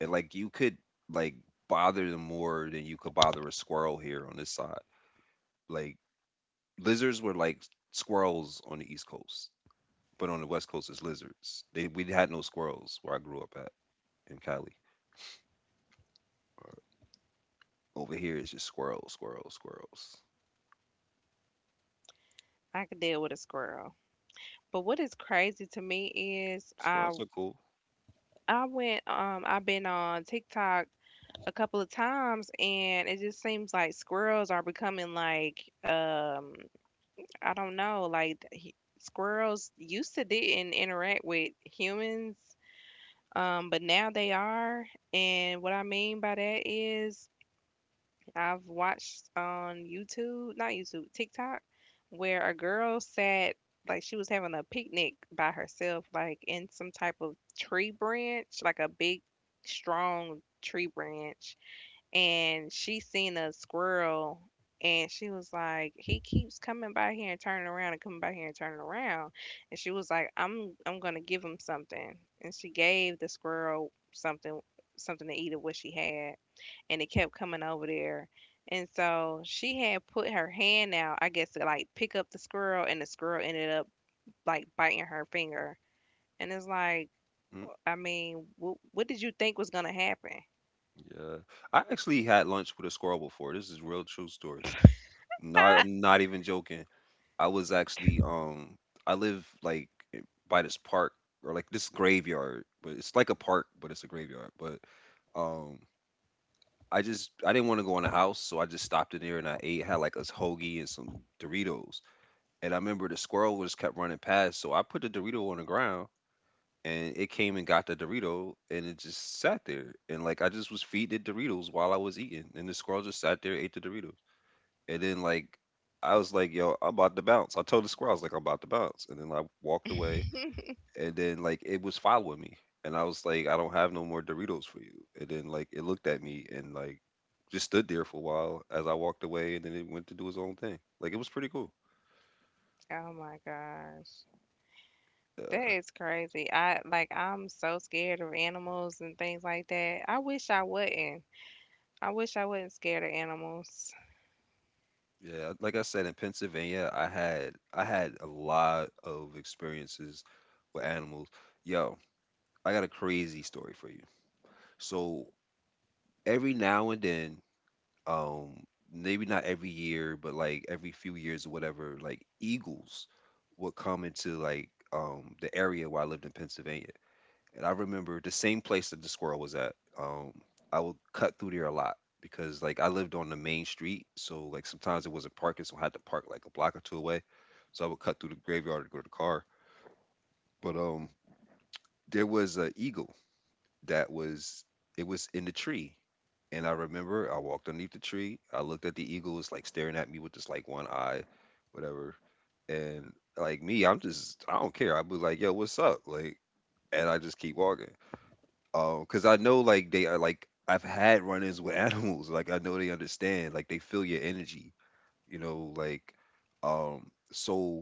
[SPEAKER 1] And like you could, like, bother them more than you could bother a squirrel here on this side. Like lizards were like squirrels on the East Coast, but on the West Coast it's lizards. They We had no squirrels where I grew up at in Cali. Over here it's just squirrels, squirrels, squirrels.
[SPEAKER 2] I could deal with a squirrel. But what is crazy to me is
[SPEAKER 1] Squirrels are cool.
[SPEAKER 2] I've been on TikTok a couple of times, and it just seems like squirrels are becoming like, I don't know, like squirrels used to didn't interact with humans, but now they are. And what I mean by that is I've watched on YouTube, not YouTube, TikTok, where a girl sat, like she was having a picnic by herself, like in some type of tree branch, like a big, strong tree branch, and she seen a squirrel. And she was like, he keeps coming by here and turning around and coming by here and turning around. And she was like, I'm gonna give him something. And she gave the squirrel something to eat of what she had, and it kept coming over there. And so she had put her hand out, I guess, to like pick up the squirrel, and the squirrel ended up like biting her finger. And it's like,
[SPEAKER 1] hmm,
[SPEAKER 2] I mean, what did you think was gonna happen?
[SPEAKER 1] Yeah. I actually had lunch with a squirrel before. This is real true story. Not I'm not even joking. I was actually I live like i- by this park or like this graveyard, but it's like a park, but it's a graveyard. But um I just I didn't want to go in the house, so I just stopped in there and I ate, had like a hoagie and some Doritos. And I remember the squirrel was kept running past, so I put the Dorito on the ground and it came and got the Dorito and it just sat there. And like I just was feeding it Doritos while I was eating. And the squirrel just sat there, ate the Doritos. And then like I was like, yo, I'm about to bounce. I told the squirrel, I was like, I'm about to bounce. And then I walked away. And then like it was following me. And I was like, I don't have no more Doritos for you. And then like it looked at me and like just stood there for a while as I walked away and then it went to do its own thing. Like it was pretty cool.
[SPEAKER 2] Oh my gosh. That is crazy. I, like, I'm so scared of animals and things like that. I wish I wasn't scared of animals.
[SPEAKER 1] Yeah, like I said, in Pennsylvania, I had a lot of experiences with animals. Yo, I got a crazy story for you. So every now and then, um, maybe not every year, but like every few years or whatever, like eagles would come into like the area where I lived in Pennsylvania. And I remember the same place that the squirrel was at. I would cut through there a lot because like I lived on the main street, so like sometimes it wasn't parking, so I had to park like a block or two away. So I would cut through the graveyard to go to the car. But there was an eagle that was it was in the tree, and I remember I walked underneath the tree. I looked at the eagle, was like staring at me with just like one eye, whatever. And like me, I'm just I don't care. I'd be like, yo, what's up? Like, and I just keep walking, cause I know, like, they are, like I've had run-ins with animals, like, I know they understand, like, they feel your energy, you know, like, so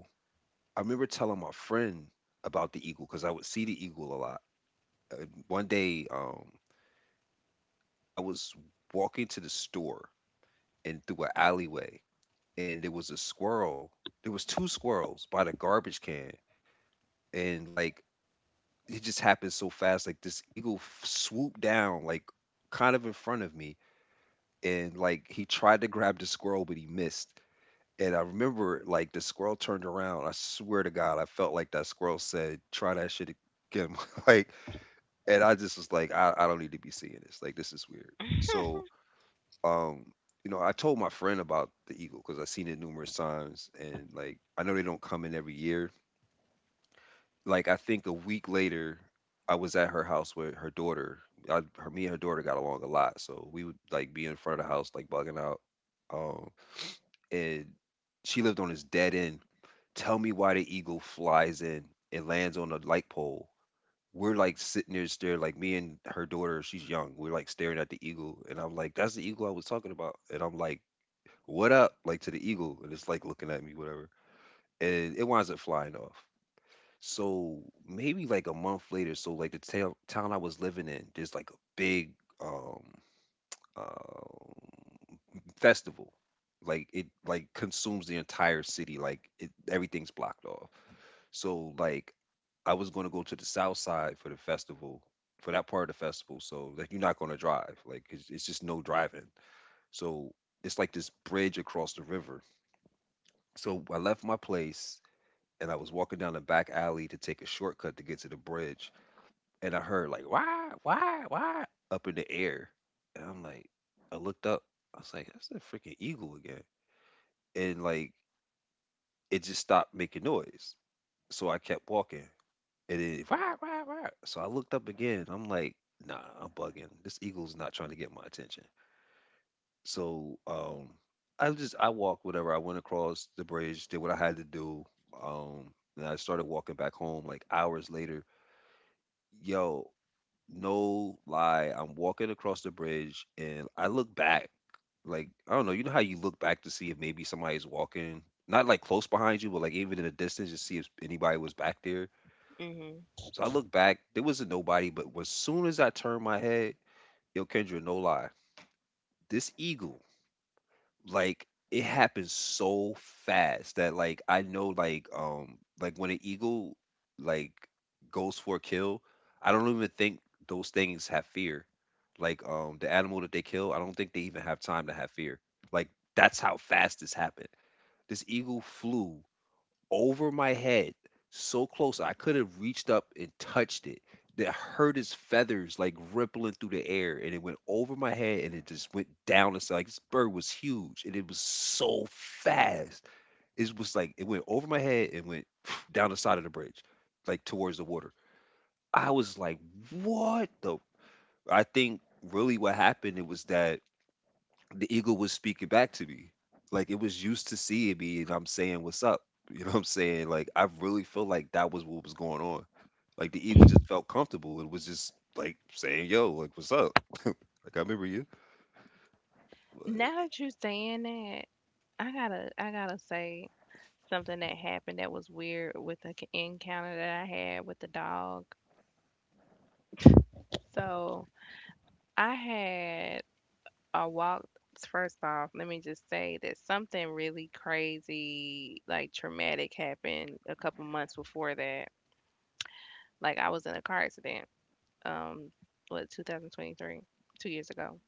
[SPEAKER 1] I remember telling my friend about the eagle because I would see the eagle a lot, and one day, I was walking to the store and through an alleyway, and there was a squirrel there was 2 squirrels by the garbage can, and, like, it just happened so fast, like, this eagle f swooped down, like, kind of in front of me, and like he tried to grab the squirrel, but he missed. And I remember like the squirrel turned around. I swear to God, I felt like that squirrel said, "Try that shit again." Like, and I just was like, I don't need to be seeing this. Like, this is weird. So, um, you know, I told my friend about the eagle because I've seen it numerous times, and like I know they don't come in every year. Like, I think a week later, I was at her house with her daughter. Me and her daughter got along a lot, so we would like be in front of the house, like bugging out. Um, and she lived on this dead end. Tell me why the eagle flies in and lands on a light pole. We're like sitting there staring, like me and her daughter, she's young. We're like staring at the eagle. And I'm like, that's the eagle I was talking about. And I'm like, what up? Like, to the eagle. And it's like looking at me, whatever. And it winds up flying off. So maybe like a month later, so like the town I was living in, there's like a big um um, festival. Like it like consumes the entire city. Like it, everything's blocked off. So like I was gonna go to the south side for the festival, for that part of the festival. So like you're not gonna drive. Like it's just no driving. So it's like this bridge across the river. So I left my place and I was walking down the back alley to take a shortcut to get to the bridge and I heard like why up in the air, and I'm like I looked up. I was like that's a freaking eagle again, and like it just stopped making noise. So I kept walking, and then why why. So I looked up again. I'm like nah, I'm bugging. This eagle's not trying to get my attention. So I just I walked whatever. I went across the bridge, did what I had to do. Um, and I started walking back home like hours later. Yo, no lie, I'm walking across the bridge and I look back. Like, I don't know, you know how you look back to see if maybe somebody's walking, not like close behind you, but like even in the distance to see if anybody was back there.
[SPEAKER 2] hmm
[SPEAKER 1] So I look back, there wasn't nobody, but as soon as I turned my head, yo, Kendra, no lie, this eagle, like it happens so fast that like I know like when an eagle like goes for a kill, I don't even think those things have fear. Like the animal that they kill, I don't think they even have time to have fear. Like that's how fast this happened. This eagle flew over my head, so close I could have reached up and touched it. That hurt his feathers like rippling through the air, and it went over my head, and it just went down. It's like this bird was huge, and it was so fast. It was like it went over my head and went down the side of the bridge, like towards the water. I was like, "What the?" I think really what happened it was that the ego was speaking back to me. Like it was used to seeing me and I'm saying what's up. You know what I'm saying? Like I really feel like that was what was going on. Like the ego just felt comfortable and was just like saying, "Yo, like what's up? Like I remember you."
[SPEAKER 2] Now
[SPEAKER 1] But
[SPEAKER 2] that you're saying that, I gotta say something that happened that was weird with an encounter that I had with the dog. So I had a walk. First off, let me just say that something really crazy, like traumatic, happened a couple months before that. Like I was in a car accident. Um, what, 2023, 2 years ago.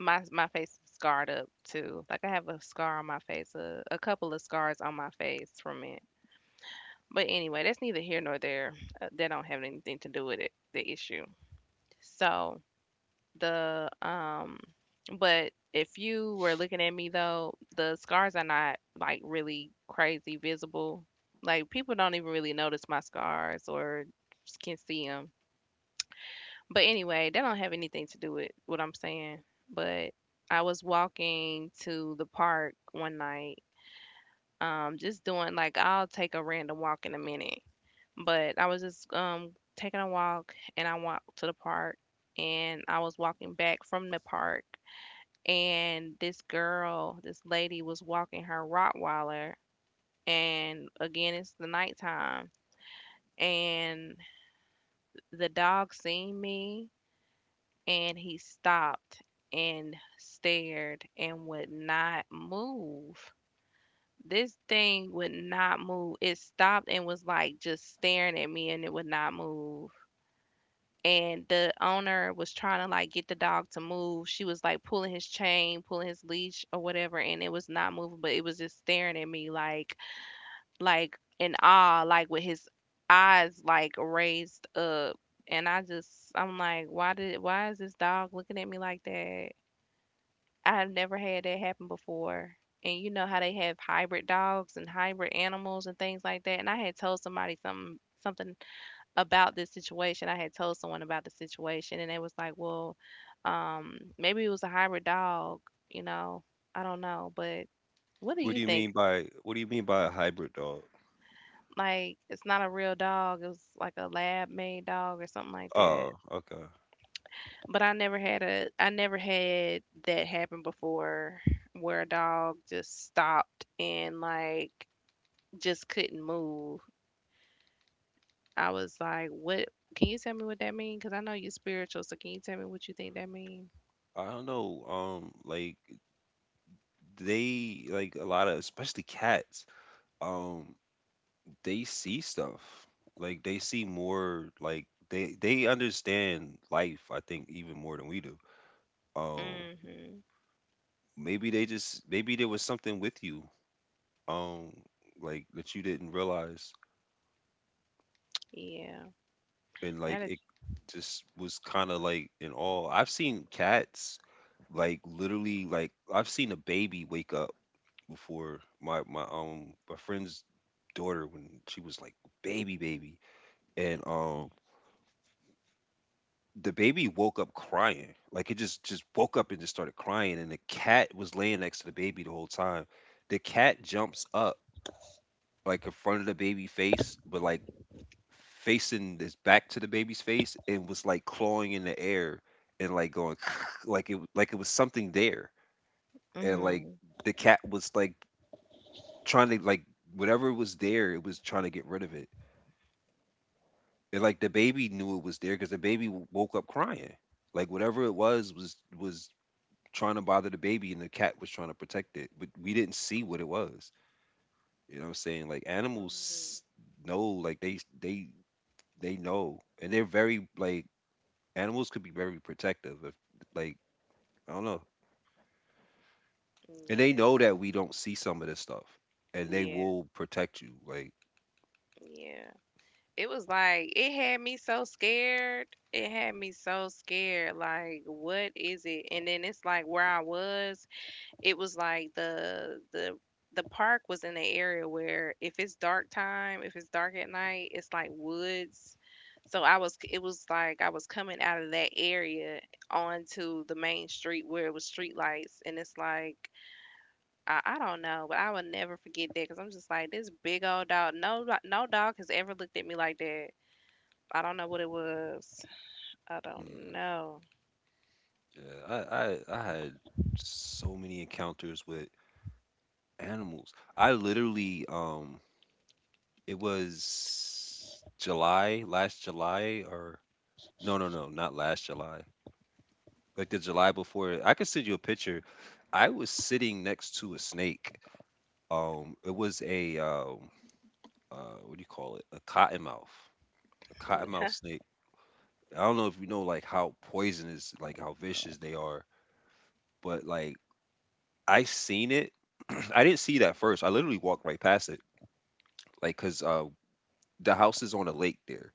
[SPEAKER 2] My face is scarred up too. Like I have a scar on my face, a couple of scars on my face from it. But anyway, that's neither here nor there. That don't have anything to do with it, the issue. So the But if you were looking at me though, the scars are not like really crazy visible. Like people don't even really notice my scars or just can see them. But anyway, that don't have anything to do with what I'm saying. But I was walking to the park one night, just doing like I'll take a random walk in a minute, but I was just taking a walk, and I walked to the park, and I was walking back from the park, and this girl, this lady was walking her Rottweiler, and again, it's the nighttime, and the dog seen me and he stopped and stared and would not move. This thing would not move. It stopped and was like just staring at me and it would not move. And the owner was trying to like get the dog to move. She was like pulling his chain, pulling his leash or whatever, and it was not moving, but it was just staring at me, like in awe, like with his eyes like raised up. And I just, I'm like, why is this dog looking at me like that? I've never had that happen before. And you know how they have hybrid dogs and hybrid animals and things like that. And I had told somebody something about this situation. I had told someone about the situation, and they was like, "Well, maybe it was a hybrid dog. You know, I don't know, but what do
[SPEAKER 1] What do
[SPEAKER 2] you
[SPEAKER 1] you
[SPEAKER 2] think?
[SPEAKER 1] mean by what do you mean by a hybrid dog?
[SPEAKER 2] Like, it's not a real dog. It was like a lab-made dog or something like that.
[SPEAKER 1] Oh, okay.
[SPEAKER 2] But I never had that happen before," where a dog just stopped and like just couldn't move. I was like, "What? Can you tell me what that means? Because I know you're spiritual, so can you tell me what you think that means?"
[SPEAKER 1] I don't know. Like they, like a lot of, especially cats. Um, they see stuff. Like they see more, like they understand life, I think, even more than we do. Um
[SPEAKER 2] Mm-hmm.
[SPEAKER 1] Maybe they just, maybe there was something with you, um, like that you didn't realize,
[SPEAKER 2] Yeah.
[SPEAKER 1] and
[SPEAKER 2] Now
[SPEAKER 1] like
[SPEAKER 2] that.
[SPEAKER 1] it just was kinda like in awe. I've seen cats like literally, like I've seen a baby wake up before my friend's daughter when she was like baby and the baby woke up crying. Like it just woke up and just started crying. And the cat was laying next to the baby the whole time. The cat jumps up like in front of the baby face, but like facing this back to the baby's face, and was like clawing in the air and like going like it was something there. And like
[SPEAKER 2] Mm.
[SPEAKER 1] the cat was like trying to, like, whatever was there, it was trying to get rid of it. And like the baby knew it was there because the baby woke up crying. Like whatever it was was trying to bother the baby and the cat was trying to protect it, but we didn't see what it was. You know what I'm saying? Like
[SPEAKER 2] Mm,
[SPEAKER 1] animals know, like they know, and they're very like, animals could be very protective if, like, I don't know. And they
[SPEAKER 2] yeah,
[SPEAKER 1] know that we don't see some of this stuff, and they
[SPEAKER 2] yeah,
[SPEAKER 1] will protect you. Like,
[SPEAKER 2] yeah. It was like it had me so scared. It had me so scared. Like, what is it? And then it's like where I was. It was like the park was in an area where if it's dark at night, it's like woods. So I was it was like I was coming out of that area onto the main street where it was street lights, and it's like I don't know, but I will never forget that because I'm just like this big old dog. No, like, no dog has ever looked at me like that. I don't know what it was. I
[SPEAKER 1] mm,
[SPEAKER 2] don't know.
[SPEAKER 1] yeah, I had so many encounters with animals. I literally, it was July, last July, or no, no, no, not last July. Like the July before, I could send you a picture. I was sitting next to a snake. It was a what do you call it? A cottonmouth snake. I don't know if you know like how poisonous, like how vicious they are, but like I seen it. I didn't see that first. I literally walked right past it, like because the house is on a lake there,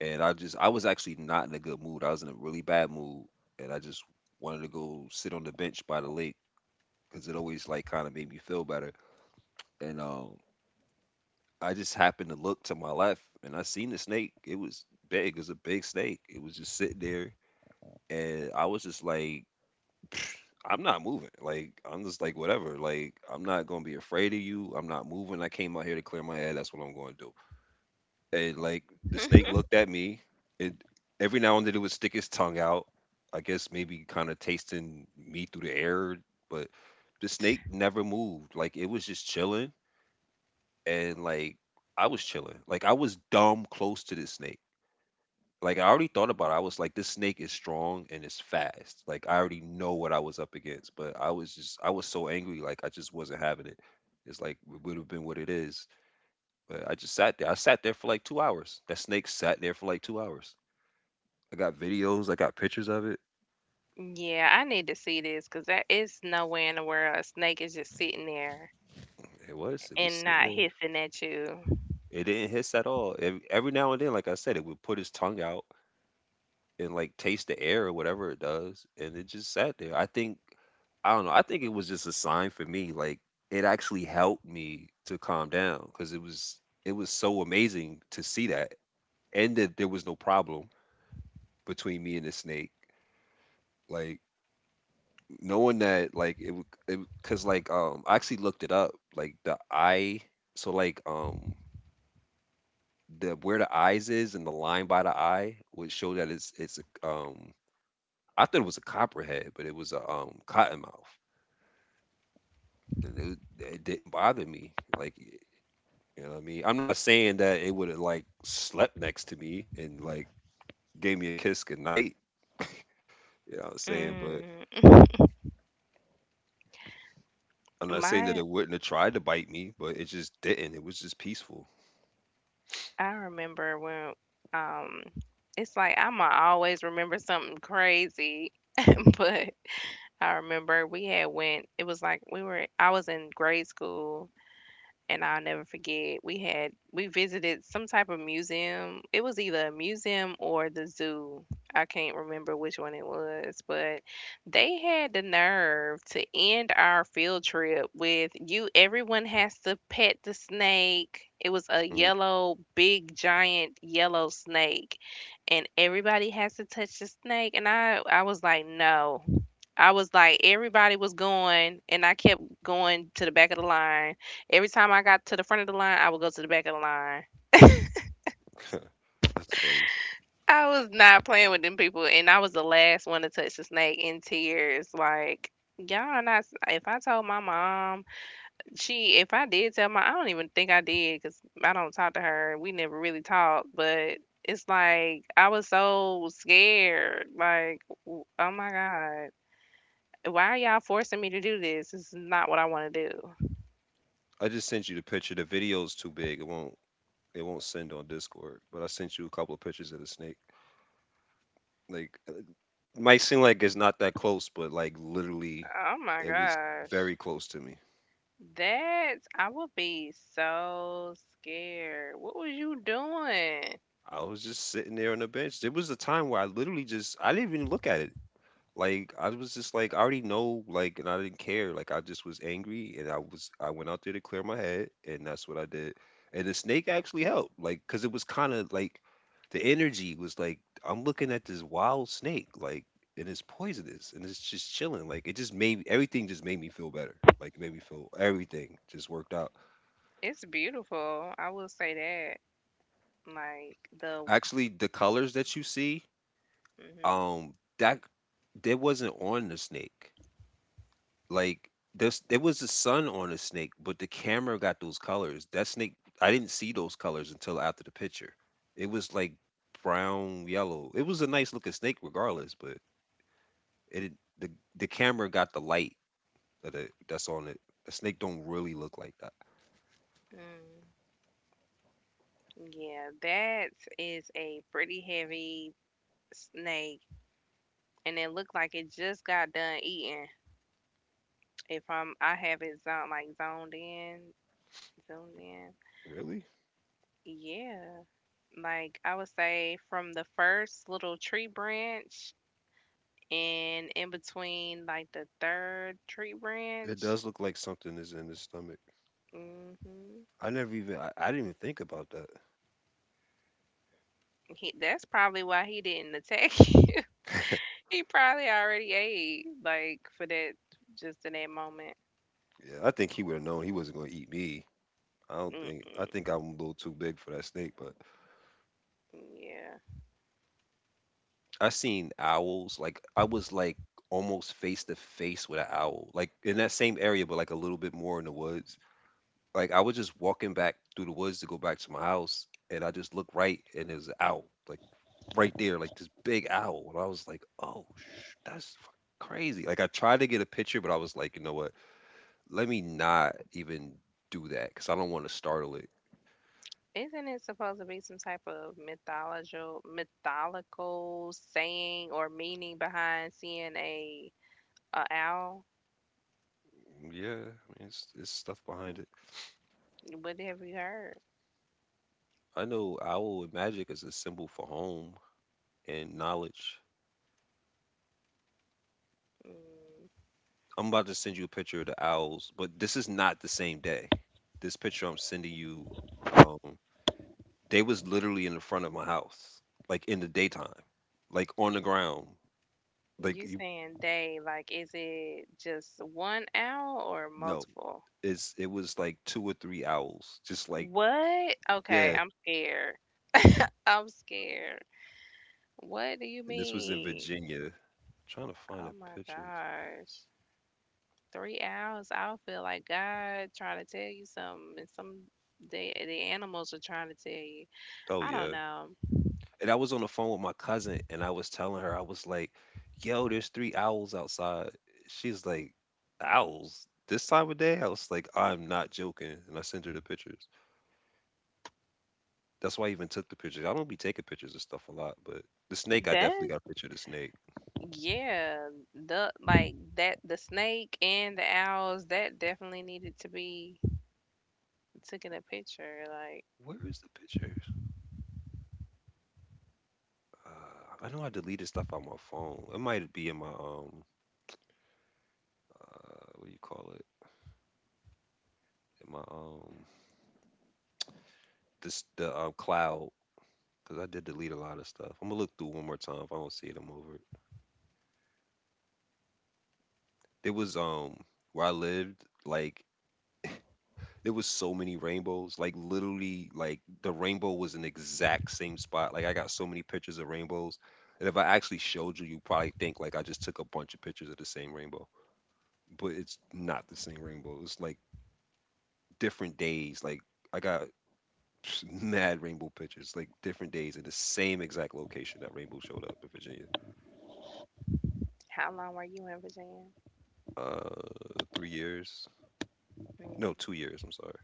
[SPEAKER 1] and I was actually not in a good mood. I was in a really bad mood, and I just wanted to go sit on the bench by the lake because it always like kind of made me feel better. And I just happened to look to my left, and I seen the snake. It was big. It was a big snake. It was just sitting there, and I was just like, I'm not moving. Like I'm just like whatever. Like I'm not gonna be afraid of you. I'm not moving. I came out here to clear my head. That's what I'm going to do. And like the snake looked at me. It, every now and then, it would stick its tongue out. I guess maybe kind of tasting me through the air, but the snake never moved. Like it was just chilling, and like I was chilling. Like I was dumb close to this snake. Like I already thought about it. I was like, this snake is strong and it's fast. Like I already know what I was up against. But I was so angry, like I just wasn't having it. It's like it would have been what it is. But I just sat there. I sat there for like 2 hours. That snake sat there for like 2 hours. I got videos, I got pictures of it.
[SPEAKER 2] Yeah, I need to see this because that is nowhere in the world a snake is just sitting there
[SPEAKER 1] It was
[SPEAKER 2] and
[SPEAKER 1] sitting
[SPEAKER 2] not
[SPEAKER 1] there.
[SPEAKER 2] hissing at you.
[SPEAKER 1] It didn't hiss at all. Every now and then, like I said, it would put its tongue out and like taste the air or whatever it does, and it just sat there. I don't know. I think it was just a sign for me. Like it actually helped me to calm down because it was so amazing to see that, and that there was no problem between me and the snake. Like knowing that, like it, because like I actually looked it up. Like the eye, so like, the where the eyes is and the line by the eye would show that it's, I thought it was a copperhead, but it was a cottonmouth. It didn't bother me. Like, you know what I mean? I'm not saying that it would have like slept next to me and like gave me a kiss goodnight. You know what I'm saying? But
[SPEAKER 2] Mm,
[SPEAKER 1] I'm not saying that
[SPEAKER 2] my,
[SPEAKER 1] it wouldn't have tried to bite me, but it just didn't. It was just peaceful.
[SPEAKER 2] I remember um, it's like I'ma always remember something crazy, but I remember we had went. It was like we were. I was in grade school, and I'll never forget we had we visited some type of museum. It was either a museum or the zoo. I can't remember which one it was, but they had the nerve to end our field trip with you everyone has to pet the snake. It was a
[SPEAKER 1] Mhm.
[SPEAKER 2] yellow, big giant yellow snake, and everybody has to touch the snake, and I was like, "No, I was like, everybody was going, and I kept going to the back of the line. Every time I got to the front of the line, I would go to the back of the line.
[SPEAKER 1] That's funny.
[SPEAKER 2] I was not playing with them people, and I was the last one to touch the snake in tears. Like, y'all are not. If I told my mom, she, if I did tell my, I don't even think I did because I don't talk to her. We never really talked, but it's like I was so scared. Like, oh my God, why are y'all forcing me to do this? This is not what I want to do.
[SPEAKER 1] I just sent you the picture. The video's too big. It won't. It won't send on Discord. But I sent you a couple of pictures of the snake. Like, might seem like it's not that close, but like literally,
[SPEAKER 2] Oh my
[SPEAKER 1] it was
[SPEAKER 2] gosh.
[SPEAKER 1] very close to me.
[SPEAKER 2] That I would be so scared. What was you doing?
[SPEAKER 1] I was just sitting there on the bench. There was a time where I literally just I didn't even look at it. Like I was just like, I already know like, and I didn't care. Like I just was angry, and I went out there to clear my head and that's what I did. And the snake actually helped, like, cuz it was kind of like, the energy was like, I'm looking at this wild snake, like, and it's poisonous and it's just chilling, like it just made everything, just made me feel better. Like it made me feel everything just worked out.
[SPEAKER 2] It's beautiful. I will say that. Like the
[SPEAKER 1] Actually the colors that you see,
[SPEAKER 2] mhm,
[SPEAKER 1] that that wasn't on the snake. Like this, it was the sun on the snake, but the camera got those colors. That snake, I didn't see those colors until after the picture. It was like brown, yellow. It was a nice looking snake, regardless. But it didn't, the camera got the light that that's on it. The snake don't really look like that.
[SPEAKER 2] mm yeah, that is a pretty heavy snake, and it looked like it just got done eating. If I'm I have it zoned, like zoned in, zoomed in.
[SPEAKER 1] Really?
[SPEAKER 2] Yeah. Like I would say from the first little tree branch and in between like the third tree
[SPEAKER 1] It
[SPEAKER 2] branch.
[SPEAKER 1] does look like something is in his stomach.
[SPEAKER 2] hmm
[SPEAKER 1] I never even, I didn't even think about that.
[SPEAKER 2] That's probably why he didn't attack you. He probably already ate, like, for that just in that moment.
[SPEAKER 1] Yeah, I think he would have known he wasn't gonna eat me. I don't think I
[SPEAKER 2] Mm-mm.
[SPEAKER 1] think I'm a little too big for that snake, but
[SPEAKER 2] Yeah,
[SPEAKER 1] I seen owls, like, I was, like, almost face to face with an owl, like, in that same area, but, like, a little bit more in the woods. Like, I was just walking back through the woods to go back to my house, and I just looked right, and there's an owl, like, right there, like, this big owl, and I was like, "Oh, sh, that's fucking crazy." Like, I tried to get a picture, but I was like, "You know what? Let me not even do that because I don't wanna startle it."
[SPEAKER 2] isn't it supposed to be some type of mythological saying or meaning behind seeing a owl?
[SPEAKER 1] Yeah, I mean, it's stuff behind it.
[SPEAKER 2] What have you heard?
[SPEAKER 1] I know owl and magic is a symbol for home and knowledge.
[SPEAKER 2] Mm.
[SPEAKER 1] I'm about to send you a picture of the owls, but this is not the same day. This picture I'm sending you, um, they was literally in the front of my house, like in the daytime, like on the ground. Like
[SPEAKER 2] You
[SPEAKER 1] you,
[SPEAKER 2] saying they, like, is it just one owl or
[SPEAKER 1] no,
[SPEAKER 2] multiple?
[SPEAKER 1] it was like 2 or 3 owls, just like,
[SPEAKER 2] What? Okay,
[SPEAKER 1] yeah.
[SPEAKER 2] I'm scared. I'm scared. What do you
[SPEAKER 1] And this was in
[SPEAKER 2] mean?
[SPEAKER 1] Virginia. I'm trying to find
[SPEAKER 2] Oh
[SPEAKER 1] a
[SPEAKER 2] my
[SPEAKER 1] picture.
[SPEAKER 2] gosh. 3 hours, I'll feel like God trying to tell you something, and some the animals are trying to tell you.
[SPEAKER 1] Oh
[SPEAKER 2] I don't
[SPEAKER 1] yeah,
[SPEAKER 2] know.
[SPEAKER 1] and I was on the phone with my cousin, and I was telling her, I was like, "Yo, there's 3 owls outside." She's like, "Owls this time of day?" I was like, "I'm not joking," and I sent her the pictures. That's why I even took the pictures. I don't be taking pictures of stuff a lot, but the snake, I definitely
[SPEAKER 2] That
[SPEAKER 1] got a picture of the snake.
[SPEAKER 2] Yeah, the like that the snake and the owls that definitely needed to be taken a picture. Like,
[SPEAKER 1] Where is the pictures? I know I deleted stuff on my phone. It might be in my what do you call it? In my this the cloud because I did delete a lot of stuff. I'm gonna look through one more time. If I don't see it, I'm over it. There was where I lived, like there was so many rainbows. Like literally, like the rainbow was in the exact same spot. Like I got so many pictures of rainbows. And if I actually showed you, you probably think like I just took a bunch of pictures of the same rainbow. But it's not the same rainbow. It's like different days. Like I got mad rainbow pictures, like different days in the same exact location that rainbow showed up in Virginia.
[SPEAKER 2] how long were you in Virginia?
[SPEAKER 1] 3 years.
[SPEAKER 2] Mm.
[SPEAKER 1] No, 2 years. I'm sorry.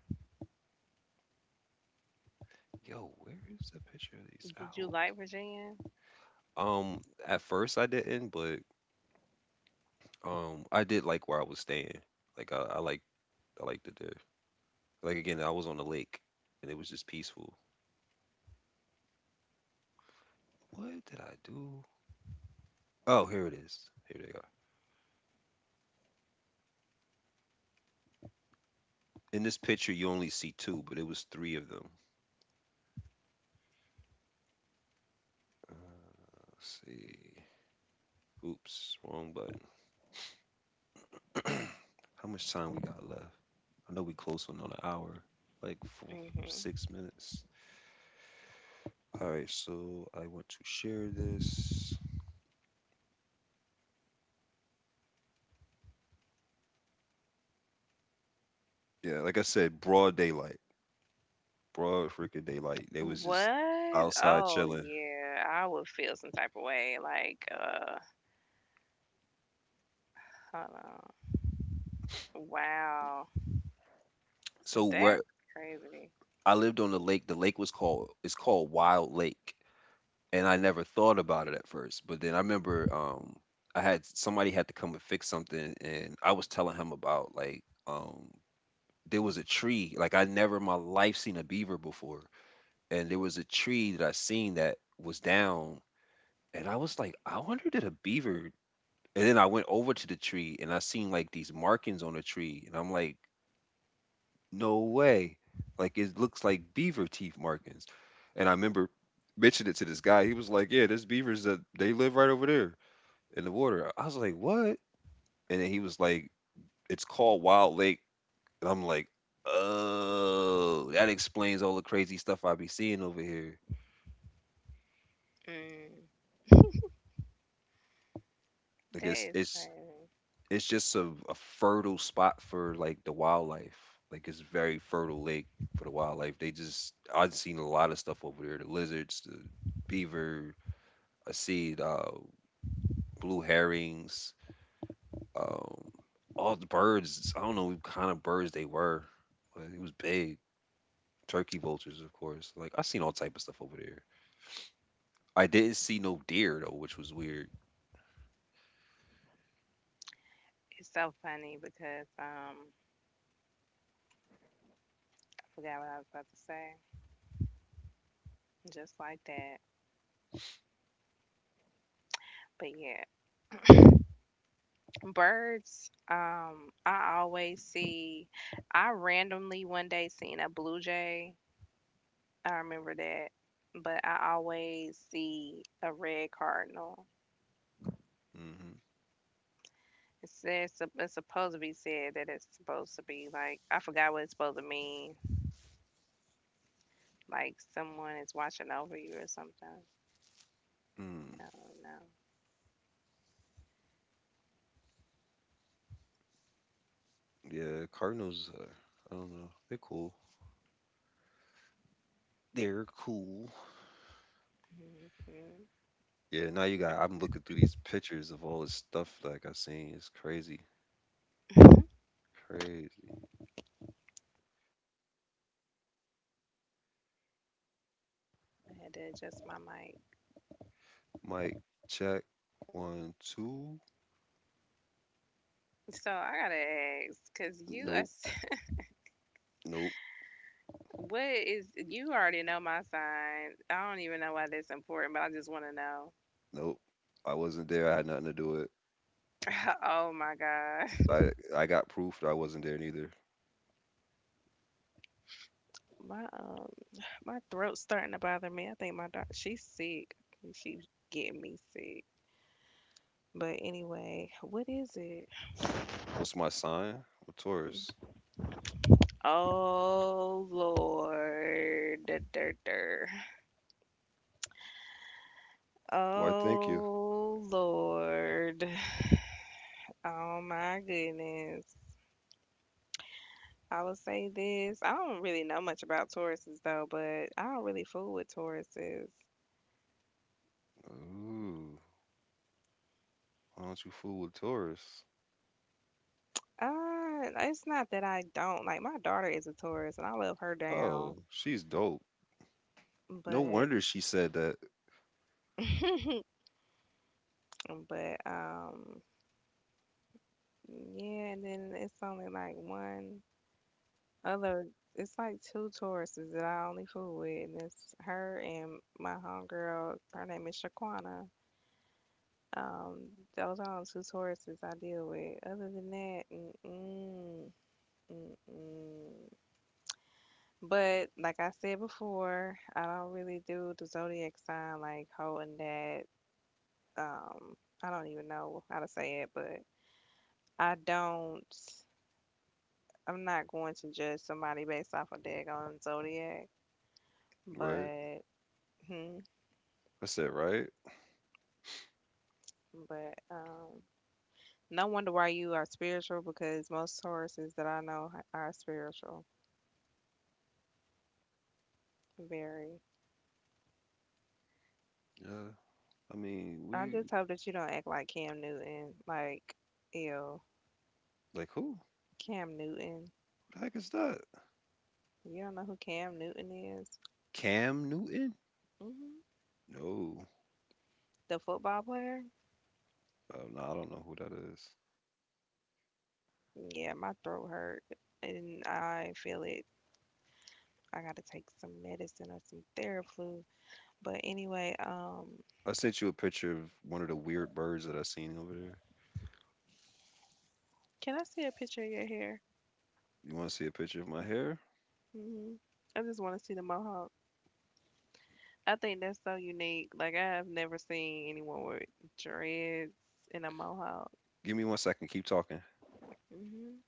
[SPEAKER 1] Yo, where is the picture of these
[SPEAKER 2] Did you
[SPEAKER 1] owls?
[SPEAKER 2] like Virginia?
[SPEAKER 1] Um, at first I didn't, but I did like where I was staying. Like I liked I liked it there. Like again, I was on the lake, and it was just peaceful. What did I do? Oh, here it is. Here they are. In this picture, you only see two, but it was three of them. Let's see. Oops, wrong button. How much time we got left? I know we close on an hour, like four,
[SPEAKER 2] Hmm
[SPEAKER 1] 6 minutes. All right, so I want to share this. Yeah, like I said, broad daylight. Broad freaking daylight. They was just
[SPEAKER 2] What?
[SPEAKER 1] outside
[SPEAKER 2] Oh
[SPEAKER 1] chilling.
[SPEAKER 2] yeah, I would feel some type of way. Like, hold on. Wow,
[SPEAKER 1] So where
[SPEAKER 2] that's crazy.
[SPEAKER 1] I lived on the lake was called it's called Wild Lake, and I never thought about it at first. But then I remember I had somebody had to come and fix something, and I was telling him about like um there was a tree like I never in my life seen a beaver before, and there was a tree that I seen that was down, and I was like, I wonder did a beaver and then I went over to the tree and I seen like these markings on the tree. And I'm like, no way. Like, it looks like beaver teeth markings. And I remember mentioning it to this guy. He was like, "Yeah, there's beavers that they live right over there in the water." I was like, "What?" And then he was like, "It's called Wild Lake." And I'm like, "Oh, that explains all the crazy stuff I be seeing over here."
[SPEAKER 2] Mm,
[SPEAKER 1] Like
[SPEAKER 2] that
[SPEAKER 1] it's
[SPEAKER 2] is
[SPEAKER 1] it's
[SPEAKER 2] crazy.
[SPEAKER 1] it's just a fertile spot for like the wildlife. Like it's very fertile lake for the wildlife. They just I've seen a lot of stuff over there. The lizards, the beaver, I see blue herrings. Um, all the birds. I don't know what kind of birds they were, but it was big. Turkey vultures, of course. Like I seen all type of stuff over there. I didn't see no deer though, which was weird.
[SPEAKER 2] It's so funny because, I forgot what I was about to say. Just like that. But yeah, birds. I always see. I randomly one day seen a blue jay. I remember that. But I always see a red cardinal.
[SPEAKER 1] Hmm.
[SPEAKER 2] It says it's supposed to be said that it's supposed to be like I forgot what it's supposed to mean. Like someone is watching over you or something.
[SPEAKER 1] Mm.
[SPEAKER 2] I don't
[SPEAKER 1] Yeah, cardinals. I don't know. They're cool. They're cool.
[SPEAKER 2] know.
[SPEAKER 1] Yeah. Now you got. I'm looking through these pictures of all this stuff like I seen. It's crazy. Crazy.
[SPEAKER 2] I had to adjust my mic.
[SPEAKER 1] Mike, check one, two.
[SPEAKER 2] So I gotta ask, cause you are,
[SPEAKER 1] Nope. Nope.
[SPEAKER 2] what is you already know my sign. I don't even know why that's important, but I just want to know.
[SPEAKER 1] Nope. I wasn't there. I had nothing to do with it.
[SPEAKER 2] Oh my god,
[SPEAKER 1] I got proof that I wasn't there neither.
[SPEAKER 2] my um my throat's starting to bother me. I think my dog she's sick. She's getting me sick. But anyway, what is it?
[SPEAKER 1] What's my sign? I'm a Taurus.
[SPEAKER 2] Oh Lord. Dur, dur, dur.
[SPEAKER 1] Why, thank you.
[SPEAKER 2] Oh Lord. Oh my goodness. I would say this. I don't really know much about Tauruses though, but I don't really fool with Tauruses.
[SPEAKER 1] Ooh, why don't you fool with Taurus?
[SPEAKER 2] It's not that I don't like my daughter is a Taurus and I love her down,
[SPEAKER 1] Oh, she's dope. No
[SPEAKER 2] but
[SPEAKER 1] wonder she said that,
[SPEAKER 2] but yeah, and then it's only like one. Other it's like two Tauruses that I only fool with, and it's her and my homegirl. Her name is Shaquana. Um, those are the only two Tauruses I deal with. Other than that, mm-mm, mm-mm. But like I said before, I don't really do the zodiac sign like holding that. Um, I don't even know how to say it, but I don't. I'm not going to judge somebody based off a of daggone zodiac,
[SPEAKER 1] right?
[SPEAKER 2] but. Hmm.
[SPEAKER 1] I said, right?
[SPEAKER 2] But no wonder why you are spiritual because most Tauruses that I know are spiritual. Very.
[SPEAKER 1] Yeah. I mean,
[SPEAKER 2] I just
[SPEAKER 1] we
[SPEAKER 2] hope that you don't act like Cam Newton. Like, ew,
[SPEAKER 1] like who?
[SPEAKER 2] Cam Newton.
[SPEAKER 1] Who the heck is that?
[SPEAKER 2] You don't know who Cam Newton is?
[SPEAKER 1] Cam Newton?
[SPEAKER 2] Hmm
[SPEAKER 1] No.
[SPEAKER 2] The football player?
[SPEAKER 1] Oh, no, I don't know who that is.
[SPEAKER 2] Yeah, my throat hurt and I feel it. I gotta take some medicine or some Theraflu. But anyway,
[SPEAKER 1] I sent you a picture of one of the weird birds that I seen over there.
[SPEAKER 2] can I see a picture of your hair?
[SPEAKER 1] You want to see a picture of my hair?
[SPEAKER 2] hmm I just want to see the mohawk. I think that's so unique. Like I have never seen anyone with dreads and a mohawk.
[SPEAKER 1] Give me one second. Keep talking.
[SPEAKER 2] hmm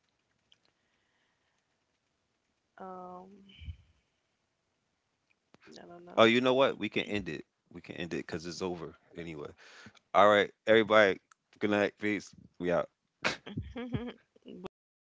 [SPEAKER 2] Um, I don't
[SPEAKER 1] Oh,
[SPEAKER 2] know.
[SPEAKER 1] you know what? We can end it. We can end it because it's over anyway. All right, everybody. Good night. Peace. We out.
[SPEAKER 2] what you had